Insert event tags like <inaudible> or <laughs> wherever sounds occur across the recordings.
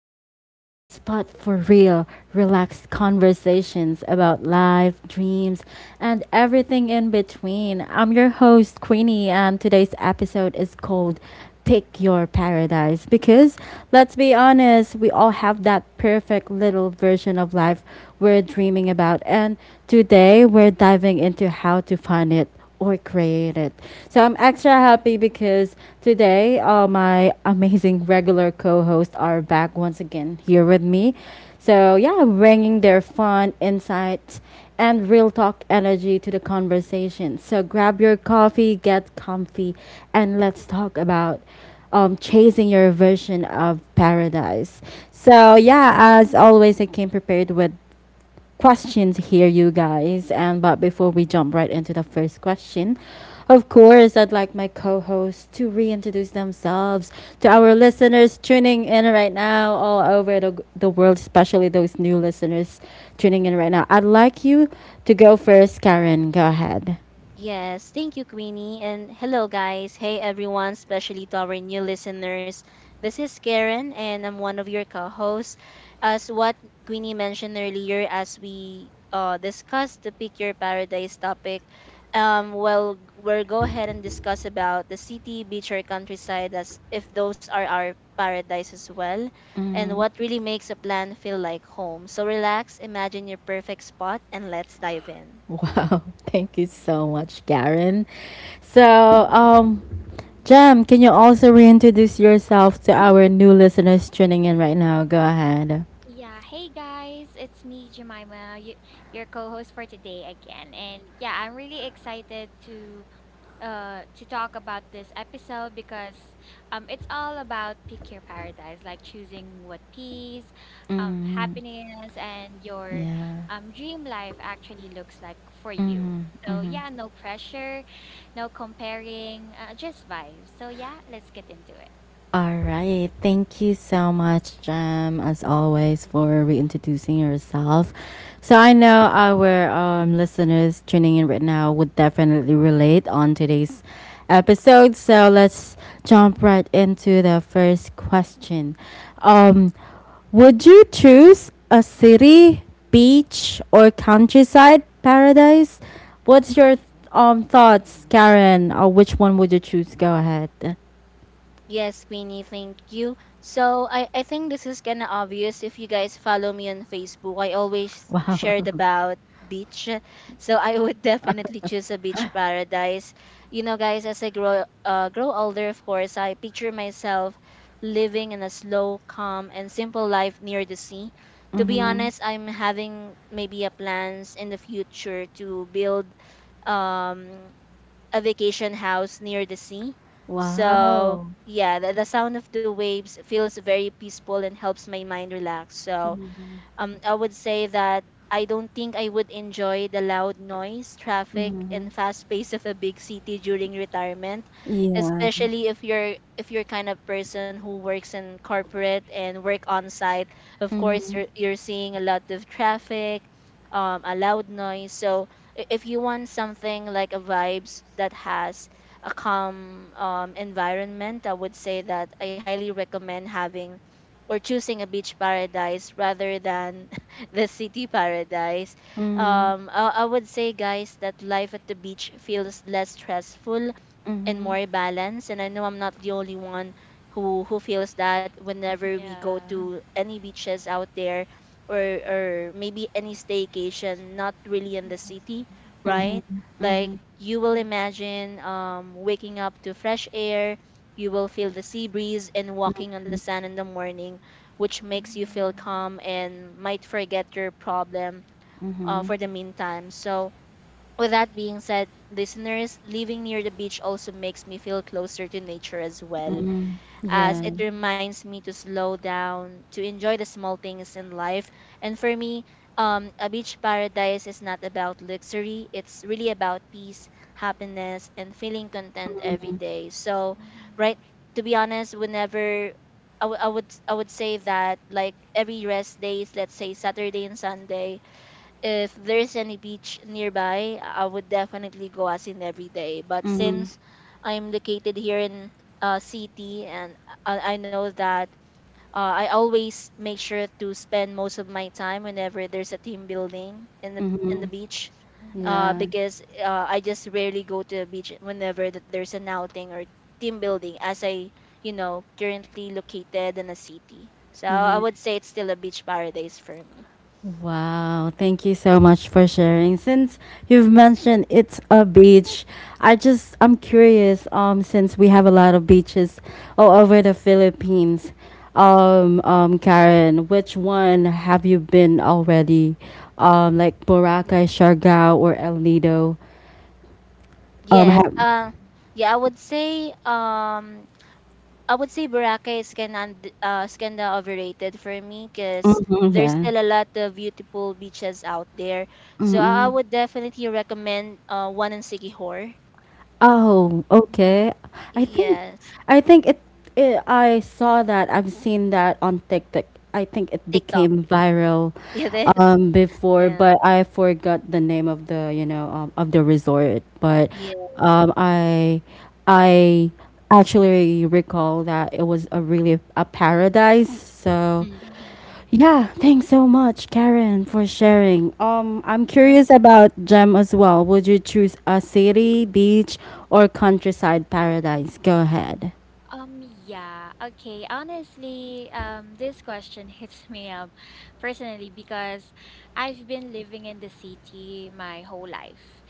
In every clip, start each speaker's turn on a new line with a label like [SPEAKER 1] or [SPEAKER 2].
[SPEAKER 1] Queenie, the spot for real, relaxed conversations about life, dreams, and everything in between. I'm your host, Queenie, and today's episode is called Pick Your Paradise because let's be honest, we all have that perfect little version of life we're dreaming about, and today we're diving into how to find it or create it. So I'm extra happy because today my amazing regular co-hosts are back once again here with me. So yeah, bringing their fun insights and real talk energy to the conversation. So grab your coffee, get comfy, and let's talk about chasing your version of paradise. So yeah, as always, I came prepared with questions here, you guys. And but before we jump right into the first question, of course, I'd like my co-hosts to reintroduce themselves to our listeners tuning in right now all over the world, especially those new listeners tuning in right now. I'd like you to go first, Karen. Go ahead.
[SPEAKER 2] Yes, thank you, Queenie. And hello, guys. Hey, everyone, especially to our new listeners. This is Karen, and I'm one of your co hosts. As what Queenie mentioned earlier, as we discussed the Pick Your Paradise topic, well, we'll go ahead and discuss about the city, beach, or countryside as if those are our paradise as well, and what really makes a plan feel like home. So relax, imagine your perfect spot, and let's dive in.
[SPEAKER 1] Wow, <laughs> thank you so much, Karen. So, Jem, can you also reintroduce yourself to our new listeners tuning in right now? Go ahead.
[SPEAKER 3] Yeah, hey guys, it's me, Jemima, you, your co-host for today again. And yeah, I'm really excited to to talk about this episode because it's all about pick your paradise, like choosing what peace, happiness and your
[SPEAKER 1] Yeah.
[SPEAKER 3] dream life actually looks like for you. So yeah, no pressure, no comparing, just vibes. So yeah, let's get into it.
[SPEAKER 1] All right. Thank you so much, Jem, as always, for reintroducing yourself. So I know our listeners tuning in right now would definitely relate on today's episode. So let's jump right into the first question. Um, would you choose a city, beach, or countryside paradise? What's your thoughts, Karen? Or which one would you choose? Go ahead.
[SPEAKER 2] Yes, Queenie, thank you. So I think this is kind of obvious if you guys follow me on Facebook. I always shared about beach. So I would <laughs> definitely choose a beach paradise. You know, guys, as I grow grow older, of course, I picture myself living in a slow, calm, and simple life near the sea. To be honest, I'm having maybe a plans in the future to build um a vacation house near the sea. So,
[SPEAKER 1] Wow.
[SPEAKER 2] yeah, the sound of the waves feels very peaceful and helps my mind relax. So, I would say that I don't think I would enjoy the loud noise, traffic,
[SPEAKER 1] Mhm.
[SPEAKER 2] and fast pace of a big city during retirement,
[SPEAKER 1] Iyan.
[SPEAKER 2] especially if you're kind of person who works in corporate and work on site. Of course,
[SPEAKER 1] Mhm.
[SPEAKER 2] you're seeing a lot of traffic, a loud noise. So if you want something like a vibes that has a calm environment, I would say that I highly recommend having or choosing a beach paradise rather than <laughs> the city paradise.
[SPEAKER 1] Mhm.
[SPEAKER 2] I would say, guys, that life at the beach feels less stressful and
[SPEAKER 1] Mhm.
[SPEAKER 2] more balance. And I know I'm not the only one who feels that whenever we go
[SPEAKER 3] Yeah.
[SPEAKER 2] to any beaches out there, or or maybe any staycation, not really in the
[SPEAKER 3] Mhm.
[SPEAKER 2] city,
[SPEAKER 1] Mhm.
[SPEAKER 2] right? Like,
[SPEAKER 1] Mhm.
[SPEAKER 2] you will
[SPEAKER 3] Mhm,
[SPEAKER 2] imagine waking up to fresh air, you will feel the sea breeze and walking on the sand in the morning, which makes you feel
[SPEAKER 3] mhm.
[SPEAKER 2] calm and might forget your problem
[SPEAKER 1] Mhm.
[SPEAKER 2] for the meantime. So with that being said, listeners, living near the beach also makes me feel closer to nature as well,
[SPEAKER 1] Mhm.
[SPEAKER 2] as
[SPEAKER 1] Yeah.
[SPEAKER 2] it
[SPEAKER 3] Mhm,
[SPEAKER 2] reminds me to slow down, to enjoy the small things in life. And for me, a beach paradise is not about luxury, it's really about peace, happiness, and feeling content every day. So, right,
[SPEAKER 3] mhm,
[SPEAKER 2] to be honest, whenever I would say that like every rest days, let's say Saturday and Sunday, if there's any beach nearby, I would definitely go as in every day. But
[SPEAKER 1] Mhm.
[SPEAKER 2] since I'm located here in city, and I know that I always make sure to spend most of my time whenever there's a team building in the
[SPEAKER 1] Mhm.
[SPEAKER 2] beach, uh,
[SPEAKER 3] mhm,
[SPEAKER 1] Yeah.
[SPEAKER 2] because uh, I just rarely go to the beach whenever that there's an outing or team building as I, you know, currently located in a city. So I would say it's still a beach paradise for me.
[SPEAKER 1] Wow, thank you so much for sharing. Since you've mentioned it's a beach, I'm curious since we have a lot of beaches all over the Philippines. Karen, which one have you been already? Um, like Boracay, Siargao or El Nido?
[SPEAKER 2] Yes.
[SPEAKER 1] Have
[SPEAKER 2] Yeah, I would say I would say Boracay is kind of overrated for me because
[SPEAKER 1] Hmm,
[SPEAKER 2] there's
[SPEAKER 1] yeah.
[SPEAKER 2] still a lot of beautiful beaches out there. So I would definitely recommend one in Siquijor.
[SPEAKER 1] Oh,
[SPEAKER 3] mhm,
[SPEAKER 1] okay. I think
[SPEAKER 2] Yes.
[SPEAKER 1] I think it, it I saw that. I've seen that on TikTok. I think it
[SPEAKER 2] TikTok.
[SPEAKER 1] became viral
[SPEAKER 2] <laughs> It is.
[SPEAKER 1] before,
[SPEAKER 2] Yeah.
[SPEAKER 1] but I forgot the name of the, you know, of the resort, but
[SPEAKER 2] Yes.
[SPEAKER 1] um I I actually recall that it was a really a paradise. So
[SPEAKER 2] Mm,
[SPEAKER 3] mhm.
[SPEAKER 1] yeah, thanks so much, Karen, for sharing. I'm
[SPEAKER 2] sure.
[SPEAKER 1] curious about Gem as well. Would you choose a city, beach, or countryside paradise? Go ahead.
[SPEAKER 3] Yeah, okay. Honestly, this question <laughs> hits me up personally because I've been living in the city my whole life.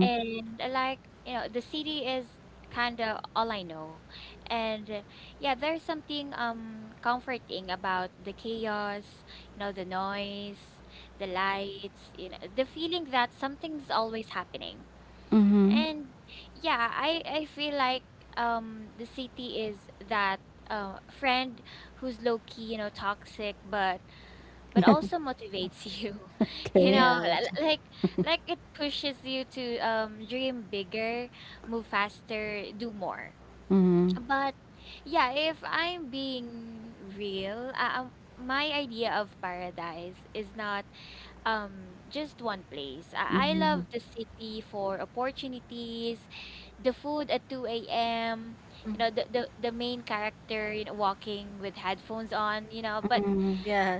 [SPEAKER 3] And like, you know, the city is kind of all I know. And yeah, there's something comforting about the chaos, you know, the noise, the lights, you know, the feeling that something's always happening.
[SPEAKER 1] Mm-hmm.
[SPEAKER 3] And yeah, I feel like the city is that friend who's low key, you know, toxic, but also motivates you. <laughs> You
[SPEAKER 1] Okay.
[SPEAKER 3] know, li-
[SPEAKER 2] Yes.
[SPEAKER 3] li- like like it pushes you to dream bigger, move faster, do more.
[SPEAKER 1] Mm-hmm.
[SPEAKER 3] But yeah, if I'm being real, my idea of paradise is not just one place. I love the city for opportunities, the food at 2 a.m. You
[SPEAKER 2] Mm,
[SPEAKER 3] know, the main character, you know, walking with headphones on, you know,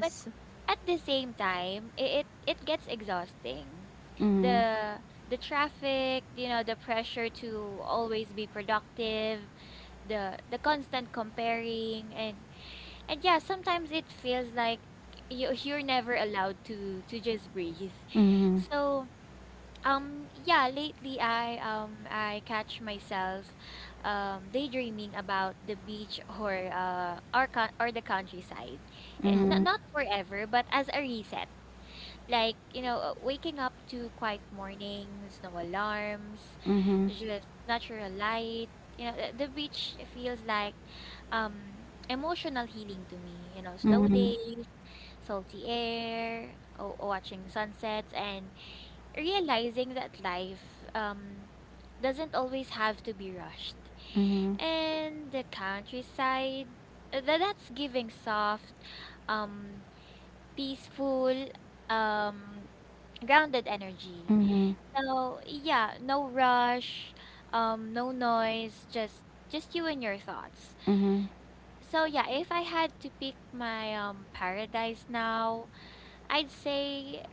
[SPEAKER 3] but at the same time, it gets exhausting.
[SPEAKER 1] Mm-hmm.
[SPEAKER 3] The traffic, you know, the pressure to always be productive, the constant comparing and yeah, sometimes it feels like you're never allowed to just breathe. So yeah, lately I catch myself daydreaming about the beach or con or the countryside.
[SPEAKER 2] Mm,
[SPEAKER 3] Not forever, but as a reset. Like, you know, waking up to quiet mornings, no alarms,
[SPEAKER 1] Mm-hmm.
[SPEAKER 3] just natural light. You know, the beach feels like emotional healing to me. You know, slow
[SPEAKER 1] Mm-hmm.
[SPEAKER 3] days, salty air, watching sunsets, and realizing that life doesn't always have to be rushed. And the countryside, that's giving soft, um, peaceful, um, grounded energy.
[SPEAKER 1] Mm-hmm.
[SPEAKER 3] So yeah, no rush, no noise, just you and your thoughts. So yeah, if I had to pick my paradise now, I'd say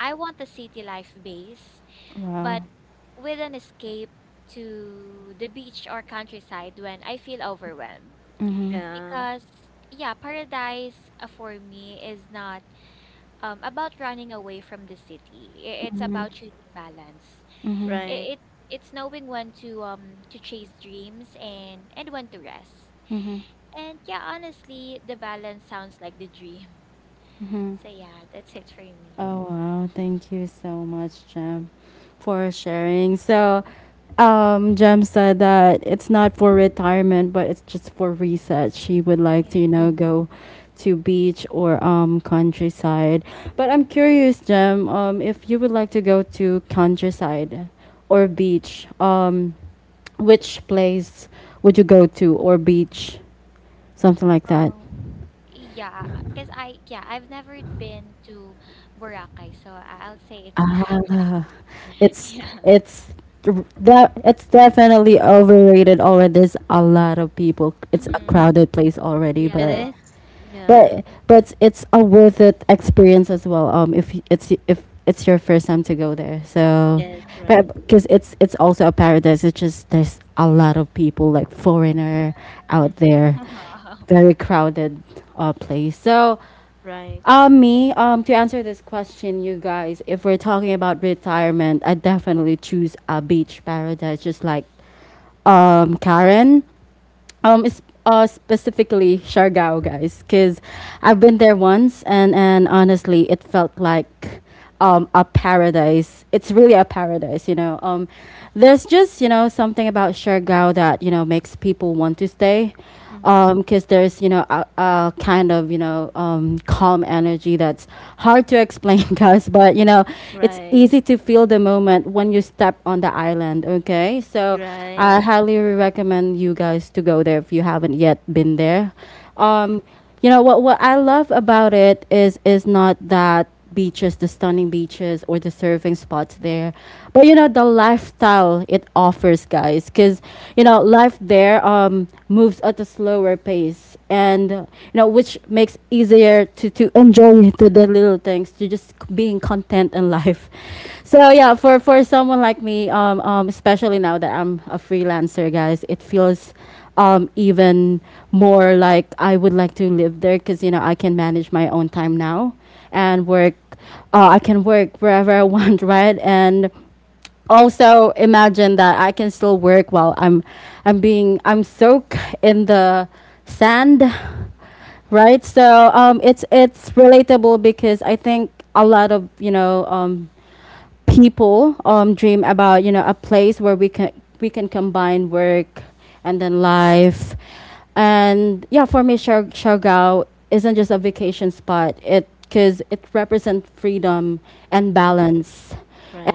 [SPEAKER 3] I want a city life base
[SPEAKER 1] Mm-hmm.
[SPEAKER 3] but with an escape to the beach or countryside when I feel overwhelmed.
[SPEAKER 1] Wow.
[SPEAKER 2] yeah.
[SPEAKER 3] Because, yeah, paradise for me is not about running away from the city. It's about choosing balance.
[SPEAKER 2] Right.
[SPEAKER 3] I- It's it's knowing when to chase dreams and when to rest. And yeah, honestly, the balance sounds like the dream. <laughs> So yeah, that's it for me.
[SPEAKER 1] Oh wow, thank you so much, Jem, for sharing. So, Jem said that it's not for retirement, but it's just for reset. She would like
[SPEAKER 3] Yeah.
[SPEAKER 1] to, you know,
[SPEAKER 2] Mm,
[SPEAKER 1] go to beach or countryside. But I'm curious, Jem, if you would like to go to countryside or beach, which place would you go to or beach, something like that?
[SPEAKER 3] Yeah, because yeah, I've never been to Boracay, so I'll say it's Boracay.
[SPEAKER 1] Ah,
[SPEAKER 3] <laughs>
[SPEAKER 1] it's
[SPEAKER 2] mhm.
[SPEAKER 3] Yeah.
[SPEAKER 1] it's that it's definitely overrated already. There's a lot of people. It's a
[SPEAKER 3] Mm-hmm.
[SPEAKER 1] crowded place already,
[SPEAKER 2] It
[SPEAKER 1] but
[SPEAKER 3] Yeah.
[SPEAKER 2] is. Yeah.
[SPEAKER 1] but but it's a worth it experience as well. If it's if it's your first time to go there, so
[SPEAKER 2] Yes.
[SPEAKER 3] Mm-hmm.
[SPEAKER 2] Right.
[SPEAKER 1] but because it's also a paradise. It's just there's a lot of people like foreigner
[SPEAKER 2] Mm,
[SPEAKER 1] out there. Very crowded place. So
[SPEAKER 2] right.
[SPEAKER 1] me, to answer this question, you guys, if we're talking about retirement, I definitely choose a beach paradise, just like Karen. It's specifically Siargao, guys, because I've been there once, and honestly, it felt like a paradise. It's really a paradise, you know. There's just you know something about Siargao that you know makes people want to stay
[SPEAKER 2] Mhm.
[SPEAKER 1] because there's you know a kind of you know calm energy that's hard to explain <laughs> guys, but you know it's
[SPEAKER 2] Right.
[SPEAKER 1] easy to feel the moment when you step on the island. Okay, so I
[SPEAKER 2] Right.
[SPEAKER 1] highly recommend you guys to go there if you haven't yet been there. Um, you know what I love about it is not that beaches, the stunning beaches, or the surfing spots there. But you know the lifestyle it offers, guys, because you know life there moves at a slower pace, and you know which makes easier to enjoy to the little things, to just being content in life. So yeah, for someone like me, especially now that I'm a freelancer, guys, it feels even more like I would like to live there because you know I can manage my own time now and work. I can work wherever I want, <laughs> right? And also imagine that I can still work while I'm soaked in the sand, right? So it's relatable because I think a lot of you know people dream about you know a place where we can combine work and then life, and yeah, for me Siargao isn't just a vacation spot it because it represents freedom and
[SPEAKER 2] Mhm.
[SPEAKER 1] balance,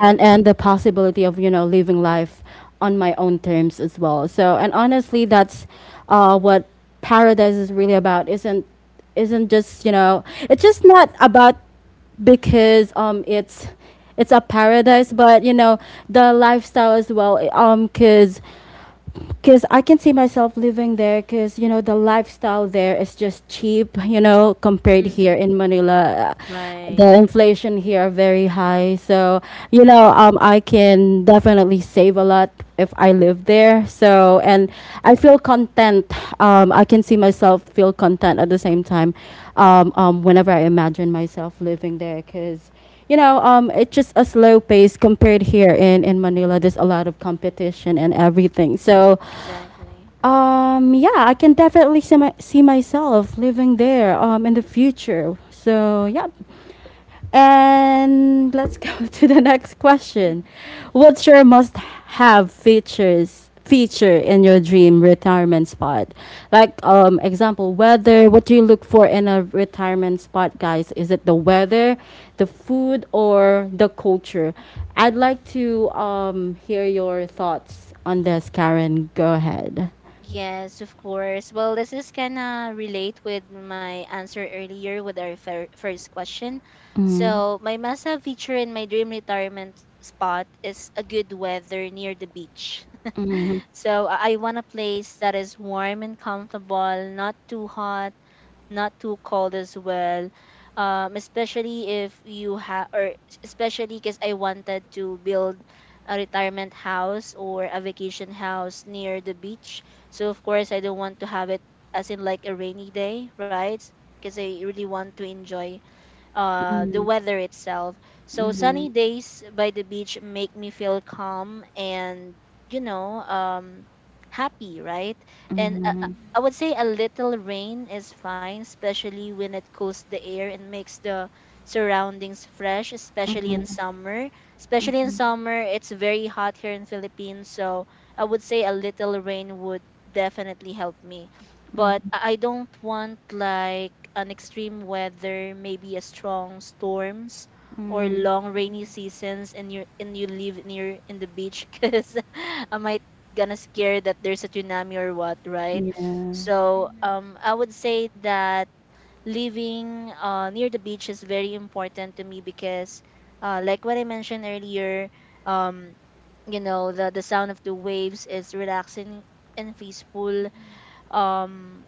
[SPEAKER 1] and the possibility of you know living life on my own terms as well. So and honestly, that's what paradise is really about. Isn't just you know it's just not about because it's a paradise but you know the lifestyle as well, because I can see myself living there because you know the lifestyle there is just cheap you know compared
[SPEAKER 2] Mm.
[SPEAKER 1] here in Manila. The
[SPEAKER 2] Right.
[SPEAKER 1] inflation here are very high so you know I can definitely save a lot if I live there. So and I feel content, I can see myself feel content at the same time, whenever I imagine myself living there because you know, it's just a slow pace compared here in Manila. There's a lot of competition and everything. So
[SPEAKER 2] Exactly.
[SPEAKER 1] yeah, I can definitely see, see myself living there in the future. So, yeah. And let's go <laughs> to the next question. What's your must have features? Feature in your dream retirement spot, like example, weather? What do you look for in a retirement spot, guys? Is it the weather, the food, or the culture? I'd like to hear your thoughts on this, Karen. Go ahead.
[SPEAKER 2] Yes, of course. Well, this is kind of relate with my answer earlier with our first question. So, my must-have feature in my dream retirement spot is a good weather near the beach. <laughs> So, I want a place that is warm and comfortable, not too hot, not too cold as well. Especially if you have, or especially because I wanted to build a retirement house or a vacation house near the beach, so of course I don't want to have it as in like a rainy day, right? Because I really want to enjoy the
[SPEAKER 1] Mhm,
[SPEAKER 2] weather itself. So
[SPEAKER 1] mhm,
[SPEAKER 2] sunny days by the beach make me feel calm and, you know, happy, right? And
[SPEAKER 1] mhm,
[SPEAKER 2] I would say a little rain is fine, especially when it cools the air and makes the surroundings fresh, especially in summer. Especially in summer, it's very hot here in Philippines, so I would say a little rain would definitely help me. But I don't want like an extreme weather, maybe a strong storms or
[SPEAKER 1] mm,
[SPEAKER 2] long rainy seasons, and you live near in the beach <laughs> because I might gonna scare that there's a tsunami or what, right?
[SPEAKER 1] yeah,
[SPEAKER 2] So I would say that living near the beach is very important to me because like what I mentioned earlier, um you know, the sound of the waves is relaxing and peaceful, um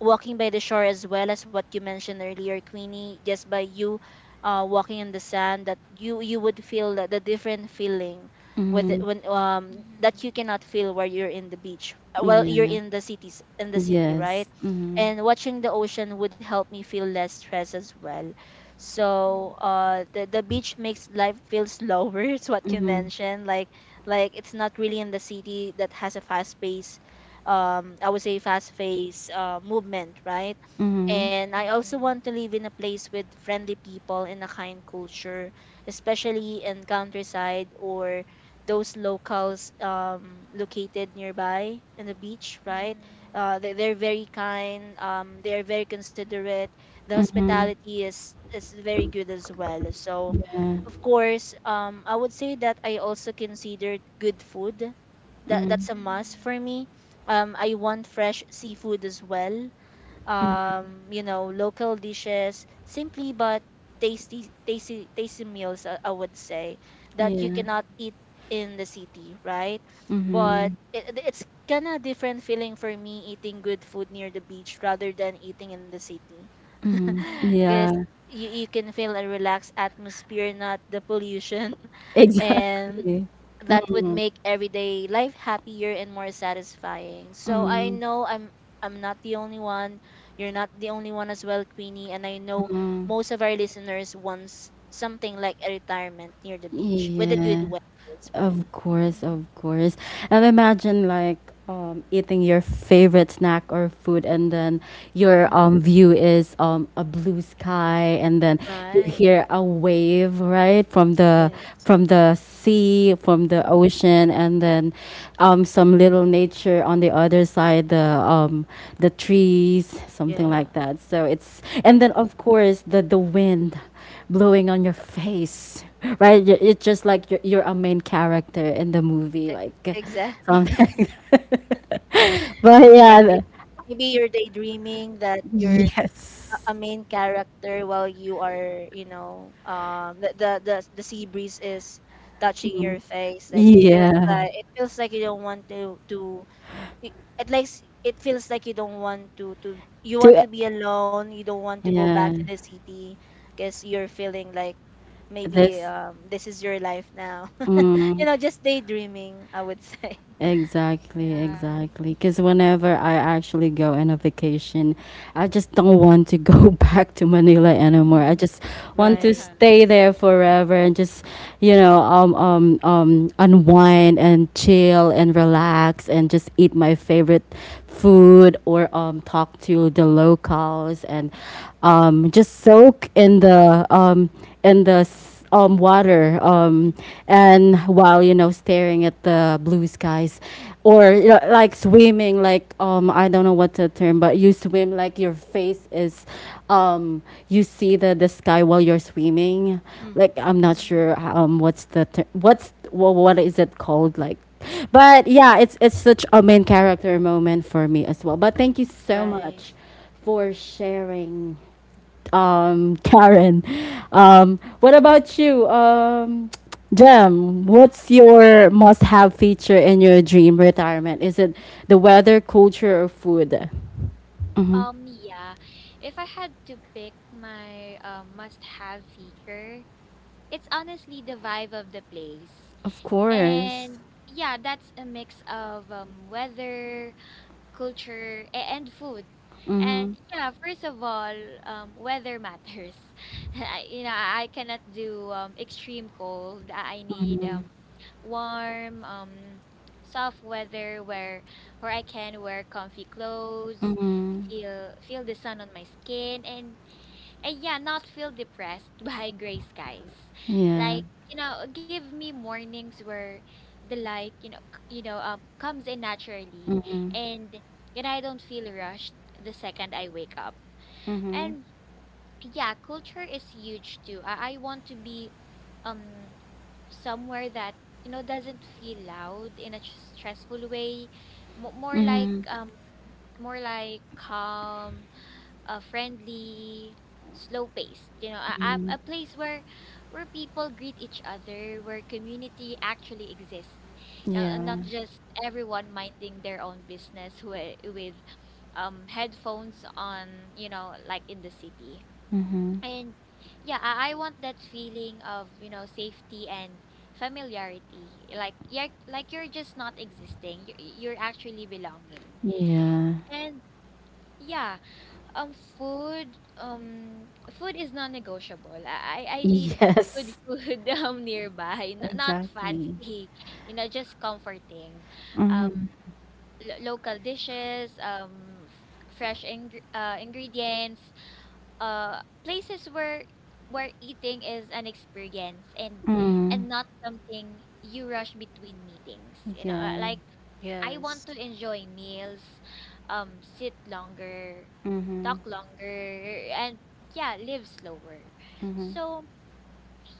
[SPEAKER 2] walking by the shore as well, as what you mentioned earlier, Queenie. Just by you walking in the sand, that you would feel that the different feeling with
[SPEAKER 1] mhm,
[SPEAKER 2] when that you cannot feel where you're in the beach. Well, you're
[SPEAKER 1] yeah,
[SPEAKER 2] in the cities, in the city,
[SPEAKER 1] yes,
[SPEAKER 2] right?
[SPEAKER 1] mhm,
[SPEAKER 2] And watching the ocean would help me feel less stress as well. So the beach makes life feel slower. <laughs> It's what you
[SPEAKER 1] mhm,
[SPEAKER 2] mentioned, like it's not really in the city that has a fast pace, I would say fast paced movement, right?
[SPEAKER 1] mhm,
[SPEAKER 2] And I also want to live in a place with friendly people and a kind culture, especially in countryside, or those locals located nearby in the beach, right? They're very kind, they're very considerate, the
[SPEAKER 1] mhm,
[SPEAKER 2] hospitality is very good as well. So
[SPEAKER 1] yeah,
[SPEAKER 2] of course, I would say that I also considered good food. That
[SPEAKER 1] mm,
[SPEAKER 2] that's a must for me. Um, I want fresh seafood as well. You know, local dishes, simply but tasty meals. I would say that you
[SPEAKER 1] yeah,
[SPEAKER 3] <laughs>
[SPEAKER 2] cannot
[SPEAKER 3] Yeah.
[SPEAKER 2] eat in the city, right? But
[SPEAKER 1] mhm,
[SPEAKER 2] it, it's kinda different feeling for me eating good food near the beach rather than eating in the city,
[SPEAKER 1] mhm,
[SPEAKER 2] <laughs> because
[SPEAKER 1] yeah,
[SPEAKER 2] you can feel a relaxed atmosphere, not the pollution.
[SPEAKER 1] <laughs>
[SPEAKER 2] <laughs> And
[SPEAKER 1] exactly,
[SPEAKER 2] that would make everyday life happier and more satisfying. So I know I'm not the only one. You're not the only one as well, Queenie, and I know most of our listeners wants something like a retirement near the beach with a good
[SPEAKER 1] yeah.
[SPEAKER 2] weather as well.
[SPEAKER 1] Of course, of course. And imagine like eating your favorite snack or food, and then your
[SPEAKER 2] Mm,
[SPEAKER 1] view is a blue sky, and then you
[SPEAKER 2] right.
[SPEAKER 1] hear a wave right from the
[SPEAKER 2] Yes.
[SPEAKER 1] from the sea, from the
[SPEAKER 2] Mhm.
[SPEAKER 1] ocean, and then some little nature on the other side, the trees, something like
[SPEAKER 2] Yeah.
[SPEAKER 1] that. So it's and then
[SPEAKER 2] Exactly.
[SPEAKER 3] <laughs>
[SPEAKER 1] of course the wind blowing on your face, right? It's just like you're a main character in the movie,
[SPEAKER 2] E-
[SPEAKER 1] like
[SPEAKER 2] Exactly. <laughs>
[SPEAKER 1] something. <laughs> But yeah,
[SPEAKER 2] Exactly.
[SPEAKER 1] the-
[SPEAKER 2] Maybe you're daydreaming that you're a
[SPEAKER 1] yes,
[SPEAKER 2] main character while you are, you know, the, the sea breeze is touching your face. Like, it feels
[SPEAKER 1] yeah,
[SPEAKER 2] like, it feels like you don't want to it, it like it feels like you don't want to you want
[SPEAKER 1] to
[SPEAKER 2] to be alone, you don't want to go back
[SPEAKER 1] yeah,
[SPEAKER 2] to the city because you're feeling like maybe
[SPEAKER 1] this.
[SPEAKER 2] this is your life now. <laughs>
[SPEAKER 1] Mm.
[SPEAKER 2] You know, just daydreaming, I would say. <laughs>
[SPEAKER 1] Exactly,
[SPEAKER 3] Yeah.
[SPEAKER 1] exactly. Because whenever I actually go on a vacation, I just don't want to go <laughs> back to Manila anymore.
[SPEAKER 3] Mhm.
[SPEAKER 1] I just want to
[SPEAKER 2] Right.
[SPEAKER 1] stay there forever and just, you know, unwind and chill and relax and just eat my favorite food or talk to the locals and just soak in the water
[SPEAKER 2] Mm,
[SPEAKER 1] and while you know staring at the blue skies or you know, like swimming like I don't know what the term but you swim like your face is um, you see the sky while you're swimming
[SPEAKER 2] mhm.
[SPEAKER 1] like I'm not
[SPEAKER 3] Yeah.
[SPEAKER 1] sure what's the ter- what's wha what is it called like. But yeah, it's such a main character moment for me as well. But thank you so
[SPEAKER 2] Right.
[SPEAKER 1] much for sharing, Karen. What about you, Jem? What's your must-have feature in your dream retirement? Is it the weather, culture, or food? Mm-hmm.
[SPEAKER 3] Yeah. If I had to pick my must-have feature, it's honestly the vibe of the place.
[SPEAKER 1] Of
[SPEAKER 3] And
[SPEAKER 1] course.
[SPEAKER 3] yeah, that's a mix of weather, culture, and food. And yeah, first of all, weather matters. <laughs> I, you know, I cannot do extreme cold. I need warm, soft weather where I can wear comfy clothes,
[SPEAKER 1] Mm-hmm.
[SPEAKER 3] feel the sun on my skin, and yeah, not feel depressed <laughs> by gray skies.
[SPEAKER 1] Yeah.
[SPEAKER 3] Like, you know, give me mornings where the light, you know, you know, comes in naturally,
[SPEAKER 1] Mm-hmm.
[SPEAKER 3] and you know, I don't feel rushed the second I wake up.
[SPEAKER 1] Mm-hmm.
[SPEAKER 3] And yeah, culture is huge too. I want to be um somewhere that you know doesn't feel loud in a stressful way. Mo More like
[SPEAKER 1] Mm-hmm.
[SPEAKER 3] more like calm, a friendly, slow paced. You know, a place where people greet each other, where community actually exists. You know, and
[SPEAKER 1] Yeah.
[SPEAKER 3] not just everyone minding their own business with, headphones on. You know, like in the city.
[SPEAKER 1] Mm-hmm.
[SPEAKER 3] And yeah, I want that feeling of you know safety and familiarity. Like yeah, like you're just not existing, you you're actually belonging.
[SPEAKER 1] Yeah.
[SPEAKER 3] And yeah food, food is non-negotiable. I need
[SPEAKER 1] Yes.
[SPEAKER 3] good food <laughs> nearby, not
[SPEAKER 1] Exactly.
[SPEAKER 3] fancy, <laughs> you know, just comforting.
[SPEAKER 1] Mm-hmm.
[SPEAKER 3] Um, local dishes, fresh ingredients, places where eating is an experience and
[SPEAKER 1] Mm-hmm.
[SPEAKER 3] not something you rush between meetings, you know,
[SPEAKER 1] Yeah.
[SPEAKER 3] like I
[SPEAKER 2] Yes.
[SPEAKER 3] want to enjoy meals, sit longer,
[SPEAKER 1] Mm-hmm.
[SPEAKER 3] talk longer, and yeah live slower.
[SPEAKER 1] Mm-hmm.
[SPEAKER 3] So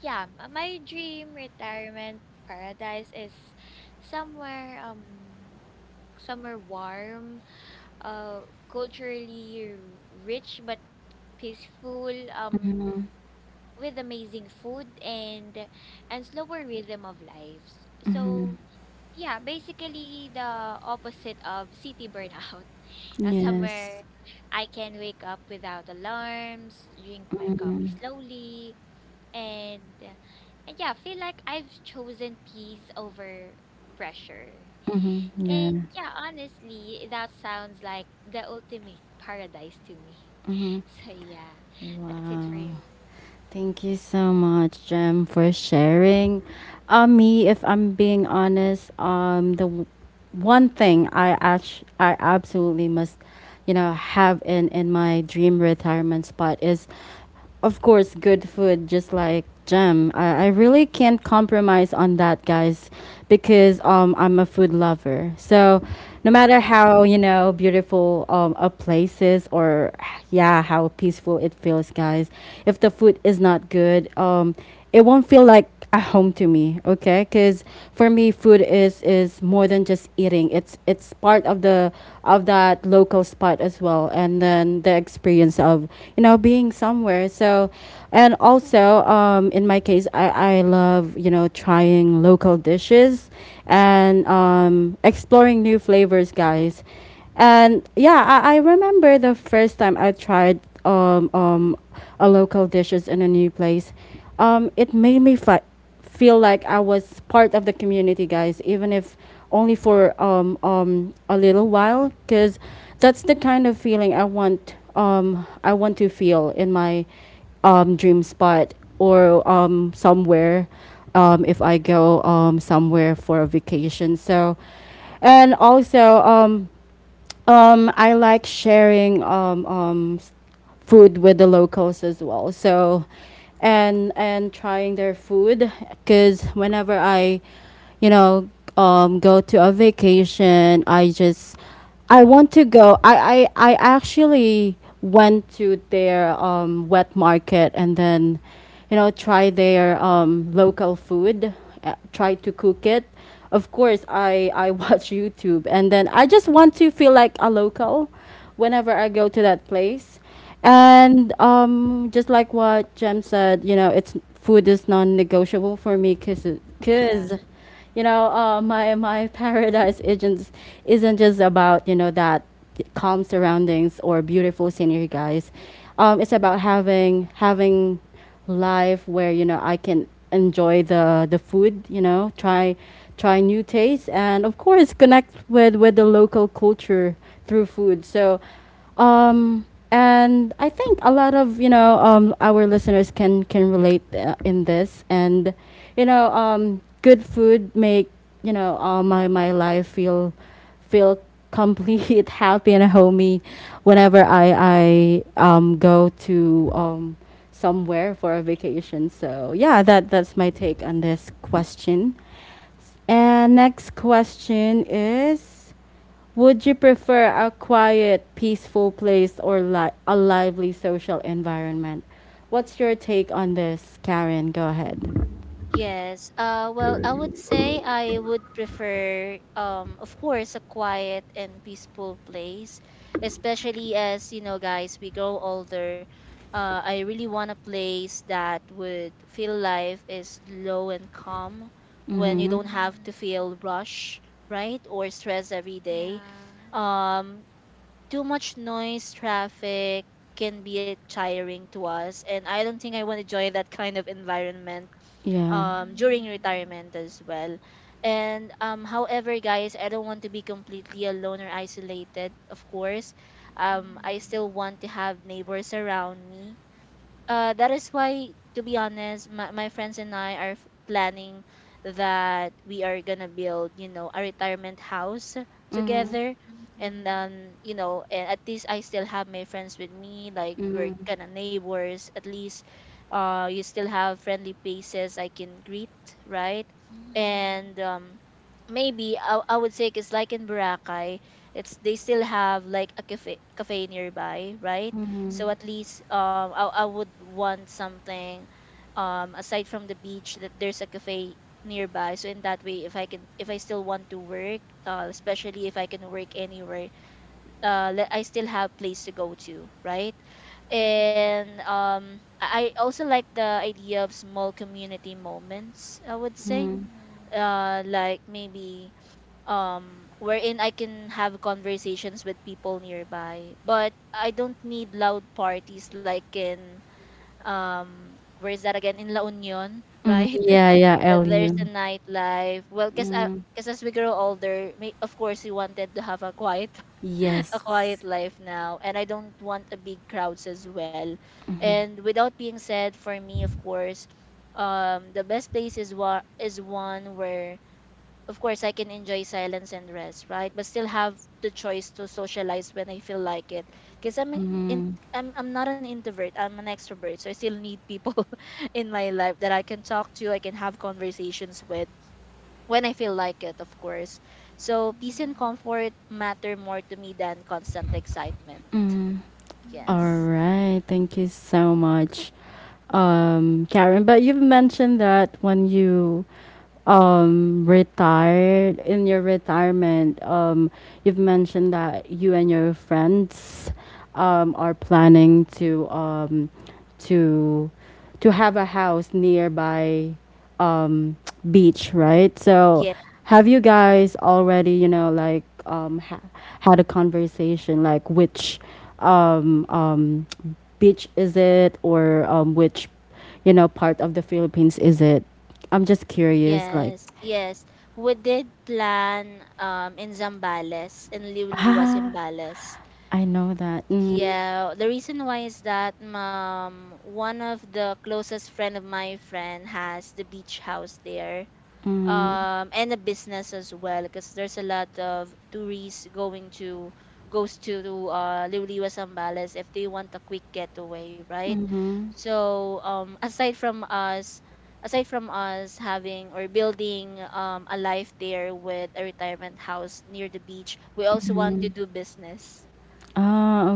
[SPEAKER 3] yeah, my dream retirement paradise is somewhere somewhere warm, uh culturally rich but peaceful,
[SPEAKER 1] Mm-hmm.
[SPEAKER 3] with amazing food and slower rhythm of lives.
[SPEAKER 1] Mm-hmm.
[SPEAKER 3] So yeah, basically the opposite of city burnout. <laughs> Now
[SPEAKER 1] Yes.
[SPEAKER 3] somewhere I can wake up without alarms, drink my
[SPEAKER 1] Mm,
[SPEAKER 3] coffee slowly, and yeah, feel like I've chosen peace over pressure.
[SPEAKER 1] yeah.
[SPEAKER 3] And yeah, honestly, that sounds like the ultimate paradise to me. <laughs> So yeah, that's it for
[SPEAKER 1] Wow.
[SPEAKER 3] me.
[SPEAKER 1] Thank you so much, Jem, for sharing. Me, if I'm being honest, the one thing I actually, I absolutely must, you know, have in my dream retirement spot is, of course, good food. Just like Jem, I really can't compromise on that, guys, because I'm a food lover. So, no matter how beautiful a place is, or yeah, how peaceful it feels, guys, if the food is not good, it won't feel like a home to me, okay, because for me, food is more than just eating. It's part of the of that local spot as well, and then the experience of being somewhere. So, and also in my case, I love trying local dishes, and exploring new flavors, guys. And yeah, I remember the first time I tried um, um, a local dishes in a new place. It made me feel like I was part of the community, guys, even if only for a little while, because that's the kind of feeling I want. I want to feel in my dream spot, or somewhere. If I go somewhere for a vacation. So, and also, I like sharing food with the locals as well. So, and trying their food, because whenever I, you know, go to a vacation, I just I want to go. I actually went to their wet market, and then, you know, try their local food, try to cook it. Of course, I <laughs> watch YouTube, and then I just want to feel like a local whenever I go to that place. And just like what Jem said, you know, it's food is non-negotiable for me, because
[SPEAKER 3] <laughs>
[SPEAKER 1] because
[SPEAKER 3] Yeah.
[SPEAKER 1] you know, my <laughs> paradise isn't just about, you know, that calm surroundings or beautiful scenery, guys. It's about
[SPEAKER 3] Mhm,
[SPEAKER 1] having life where, you know, I can enjoy the food, you know, try new tastes, and of course connect with the local culture through food. So um, and I think a lot of, you know, our listeners can relate in this, and you know, good food make, you know, my life feel feel complete, <laughs> happy and homey, whenever I go to somewhere for a vacation. So yeah, that's my take on this question. And next question is. Would you prefer a quiet, peaceful place, or a lively social environment? What's your take on this, Karen? Go ahead.
[SPEAKER 2] Yes. Well, I would say I would prefer of course a quiet and peaceful place, especially as
[SPEAKER 3] mhm,
[SPEAKER 2] you know, guys, we grow older. I really want a place that would feel life is low and calm when you don't have to
[SPEAKER 3] mhm.
[SPEAKER 2] feel rush, right? Or stress every day.
[SPEAKER 3] Yeah.
[SPEAKER 2] Um, too much noise, traffic can be tiring to us, and I don't think I want to join that kind of environment
[SPEAKER 1] Yeah.
[SPEAKER 2] during
[SPEAKER 3] Mhm,
[SPEAKER 2] retirement as well. And however, guys, I don't want to be completely alone or isolated. Of course, I still
[SPEAKER 3] mhm,
[SPEAKER 2] want to have neighbors around me. That is why, to be honest, my friends and I are planning that we are gonna build, you know, a retirement house
[SPEAKER 1] Mm-hmm.
[SPEAKER 2] together.
[SPEAKER 3] mhm,
[SPEAKER 2] And
[SPEAKER 3] mhm,
[SPEAKER 2] then, you know, and at least I still have my friends with me, like we're
[SPEAKER 1] Mm-hmm.
[SPEAKER 2] kind of neighbors. At least, you still have friendly faces I can greet, right? And
[SPEAKER 3] mhm,
[SPEAKER 2] maybe I would say, cause like in Boracay, it's they still have like a cafe nearby, right?
[SPEAKER 1] Mm-hmm.
[SPEAKER 3] mhm,
[SPEAKER 2] So at
[SPEAKER 3] mhm,
[SPEAKER 2] least I would want something aside from the beach that there's a cafe nearby. So in that way, if I can, if I still want to work, especially if I can work anywhere, I still have place to go to, right?
[SPEAKER 3] mhm, mhm,
[SPEAKER 2] And I also like the idea of small community moments, I would say.
[SPEAKER 1] Mm-hmm.
[SPEAKER 3] mhm, mhm, mhm,
[SPEAKER 2] Uh, like maybe wherein I can have conversations with people nearby. But I don't need loud parties like in where is that again, in La Union,
[SPEAKER 1] Mm-hmm.
[SPEAKER 2] right? <laughs>
[SPEAKER 1] Yeah, yeah,
[SPEAKER 2] That there's a
[SPEAKER 1] LU.
[SPEAKER 2] nightlife. Well,
[SPEAKER 1] Mm.
[SPEAKER 2] cause as we grow older, of course we wanted to have a quiet <laughs> a
[SPEAKER 1] Yes.
[SPEAKER 2] quiet life now, and I don't want a big crowds as well. And without being said, for me, of course, the best place is is one where, of course, I can enjoy silence and rest, right? But still have the choice to socialize when I feel like it. Because in I'm not an introvert, I'm an extrovert. So I still need people <laughs> in my life that I can talk to, I can have conversations with when I feel like it, of course. So peace and comfort matter more to me than constant excitement.
[SPEAKER 1] All
[SPEAKER 2] Yes.
[SPEAKER 3] mhm,
[SPEAKER 1] right. Thank you so much, Karen. But you've mentioned that when you retired, in your retirement, you've mentioned that you and your friends are planning to to to have a house nearby, um <tsk> beach, right? So
[SPEAKER 2] Yes.
[SPEAKER 1] have you guys already, you know, like had a conversation, like, which um beach is it, or which you know, part of the Philippines is it? I'm just curious, like,
[SPEAKER 2] Yes. We did plan in Zambales, in Liuliwa,
[SPEAKER 1] <laughs>
[SPEAKER 2] Zambales.
[SPEAKER 1] I know that. Mm.
[SPEAKER 2] Yeah, the reason why is that one of the closest friend of my friend has the beach house there. Um, and a business as well, because there's a lot of tourists going to Liwliwa Zambales if they want a quick getaway, right? So aside from us having or building a life there with a retirement house near the beach, we also want to do business.
[SPEAKER 1] Oh,